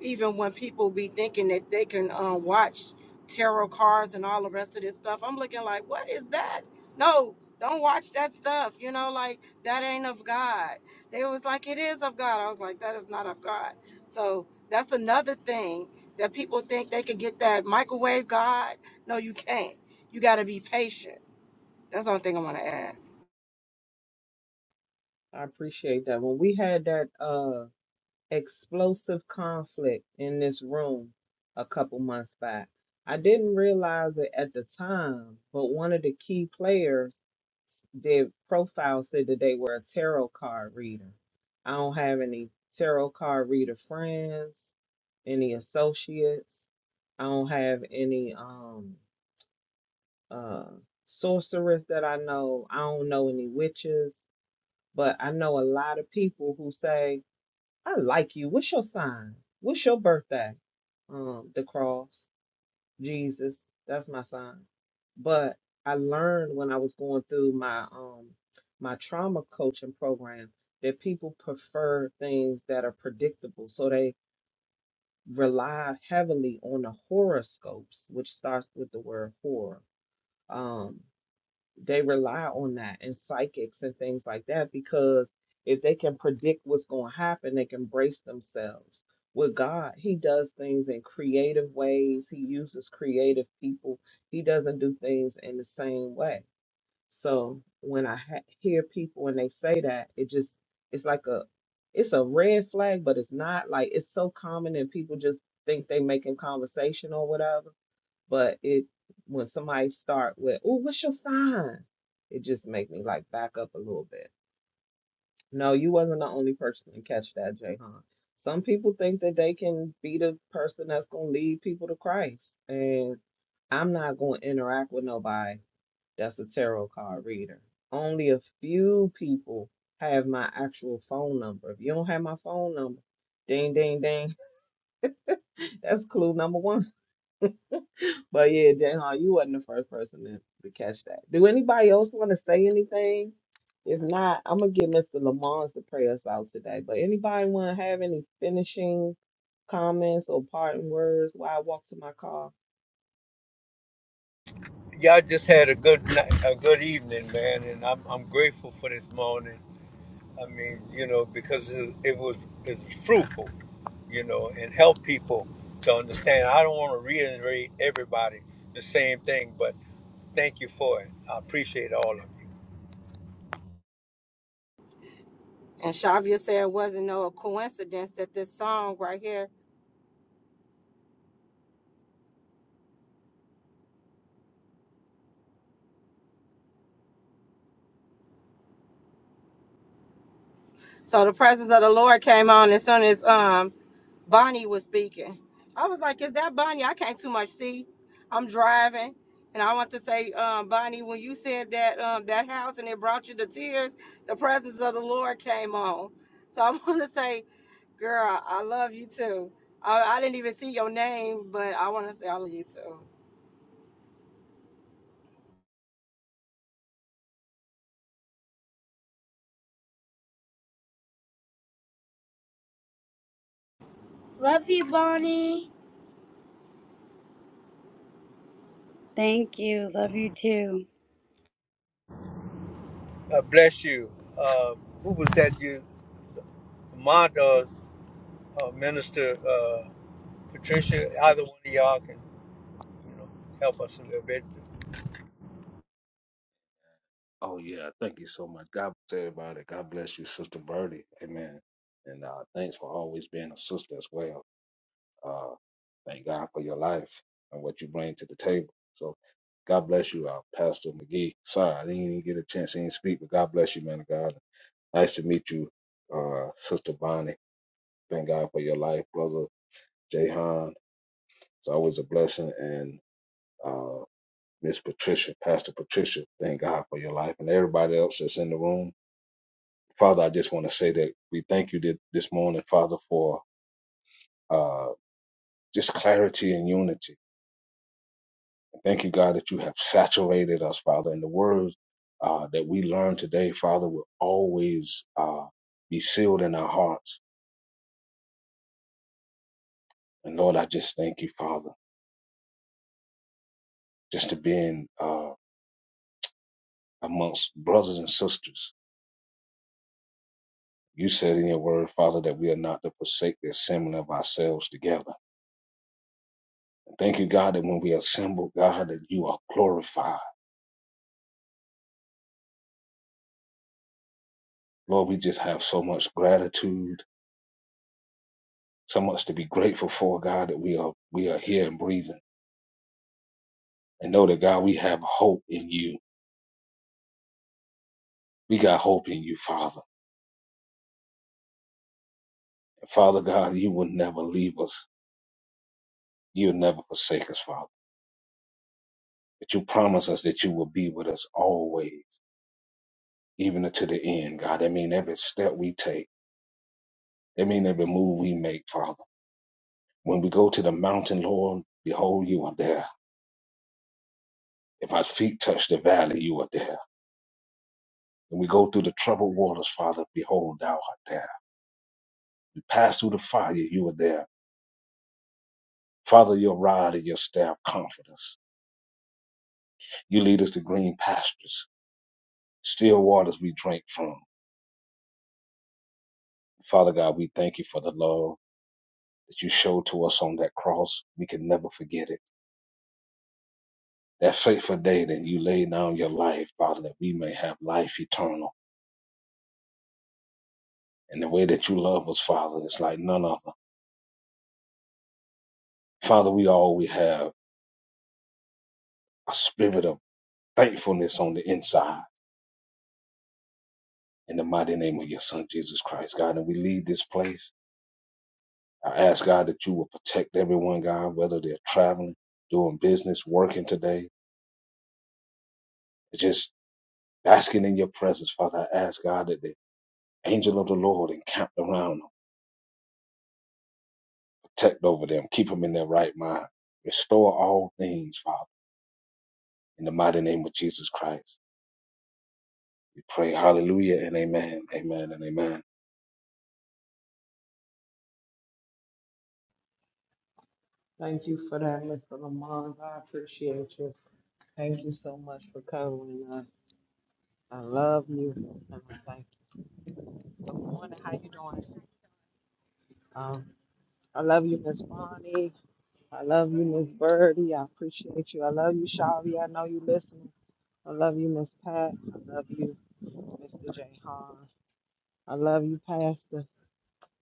E: Even when people be thinking that they can uh, watch tarot cards and all the rest of this stuff, I'm looking like, what is that? No, don't watch that stuff. You know, like that ain't of God. They was like, it is of God. I was like, that is not of God. So that's another thing that people think they can get that microwave God. No, you can't. You got to be patient. That's the only thing I want to add.
C: I appreciate that. When we had that uh explosive conflict in this room a couple months back, I didn't realize it at the time, but one of the key players, their profile said that they were a tarot card reader. I don't have any tarot card reader friends, any associates. I don't have any um uh sorcerers that I know. I don't know any witches. But I know a lot of people who say, I like you. What's your sign? What's your birthday? Um, the cross, Jesus, that's my sign. But I learned when I was going through my um my trauma coaching program that people prefer things that are predictable. So they rely heavily on the horoscopes, which starts with the word horror. Um they rely on that and psychics and things like that because if they can predict what's going to happen, they can brace themselves. With God, He does things in creative ways, He uses creative people, He doesn't do things in the same way. So when I ha- hear people when they say that, it just, it's like a, it's a red flag, but it's not like it's so common and people just think they making conversation or whatever but it when somebody start with, "Oh, what's your sign?" It just make me like back up a little bit. No, you wasn't the only person to catch that, Jayhan. Some people think that they can be the person that's gonna lead people to Christ, and I'm not gonna interact with nobody that's a tarot card reader. Only a few people have my actual phone number. If you don't have my phone number, ding, ding, ding, that's clue number one. But yeah, Jayhan, you wasn't the first person to, to catch that. Do anybody else want to say anything? If not, I'm gonna give Mr. Lamont to pray us out today. But anybody want to have any finishing comments or parting words while I walk to my car?
A: Y'all just had a good night, a good evening, man, and I'm I'm grateful for this morning. I mean, you know, because it, it was it was fruitful, you know, and help people to understand. I don't want to reiterate everybody the same thing, but thank you for it. I appreciate all of you.
E: And Shavia said it wasn't no coincidence that this song right here. So the presence of the Lord came on as soon as um Bonnie was speaking. I was like, is that Bonnie? I can't too much see. I'm driving. And I want to say, um, Bonnie, when you said that um, that house and it brought you to tears, the presence of the Lord came on. So I want to say, girl, I love you too. I, I didn't even see your name, but I want to say I love you too.
F: Thank you. Love you too.
A: God bless you. Uh, who was that? You, my uh, uh, minister, uh, Patricia. Either one of y'all can, you know, help us a little bit.
G: Oh yeah, thank you so much. God bless everybody. God bless you, Sister Birdie. Amen. And uh, thanks for always being a sister as well. Uh, thank God for your life and what you bring to the table. So God bless you, uh, Pastor McGee. Sorry, I didn't even get a chance to even speak, but God bless you, man of God. Nice to meet you, uh, Sister Bonnie. Thank God for your life, brother Jahan. It's always a blessing and uh, Miss Patricia, Pastor Patricia, thank God for your life and everybody else that's in the room. Father, I just want to say that we thank you that this morning, Father, for uh, just clarity and unity. Thank you, God, that you have saturated us, Father, and the words uh, that we learn today, Father, will always uh, be sealed in our hearts. And Lord, I just thank you, Father, just to being uh, amongst brothers and sisters. You said in your word, Father, that we are not to forsake the assembling of ourselves together. Thank you, God, that when we assemble, God, that you are glorified. Lord, we just have so much gratitude, so much to be grateful for, God, that we are we are here and breathing. And know that God, we have hope in you. We got hope in you, Father. And Father God, you will never leave us. You'll never forsake us, Father. But you promise us that you will be with us always, even to the end, God. That mean every step we take. That mean every move we make, Father. When we go to the mountain, Lord, behold, you are there If our feet touch the valley, you are there. When we go through the troubled waters, Father, behold, thou art there. We pass through the fire, you are there. Father, your rod and your staff comfort us. You lead us to green pastures, still waters we drink from. Father God, we thank you for the love that you showed to us on that cross. We can never forget it. That fateful day that you laid down your life, Father, that we may have life eternal. And the way that you love us, Father, is like none other. Father, we all we have a spirit of thankfulness on the inside. In the mighty name of your son, Jesus Christ, God. And we leave this place. I ask, God, that you will protect everyone, God, whether they're traveling, doing business, working today, just basking in your presence, Father. I ask, God, that the angel of the Lord encamp around them, protect over them, keep them in their right mind, restore all things, Father. In the mighty name of Jesus Christ, we pray, hallelujah and amen, amen and amen.
C: Thank you for that, Mr. Lamont. I appreciate you. Thank you so much for covering us. I love you. And I thank you. Good morning. How you doing? Um, I love you, Miss Bonnie. I love you, Miss Birdie. I appreciate you. I love you, Shari. I know you listening. I love you, Miss Pat. I love you, Mr. J. Hahn. I love you, Pastor.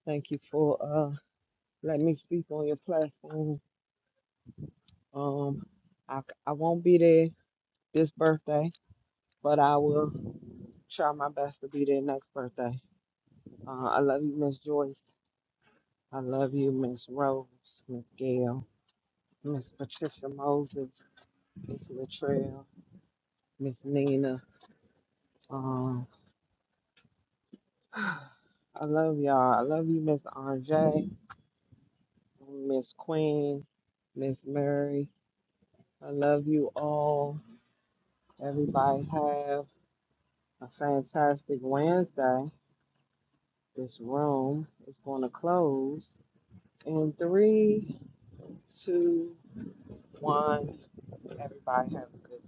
C: Thank you for uh letting me speak on your platform. Um, I c- I won't be there this birthday, but I will try my best to be there next birthday. Uh, I love you, Miss Joyce. I love you, Miss Rose, Miss Gail, Miss Patricia Moses, Miss Latrell, Miss Nina. Um, I love y'all. I love you, Miss Andre, Miss Queen, Miss Mary. I love you all. Everybody have a fantastic Wednesday. This room is going to close in three, two, one. Everybody have a good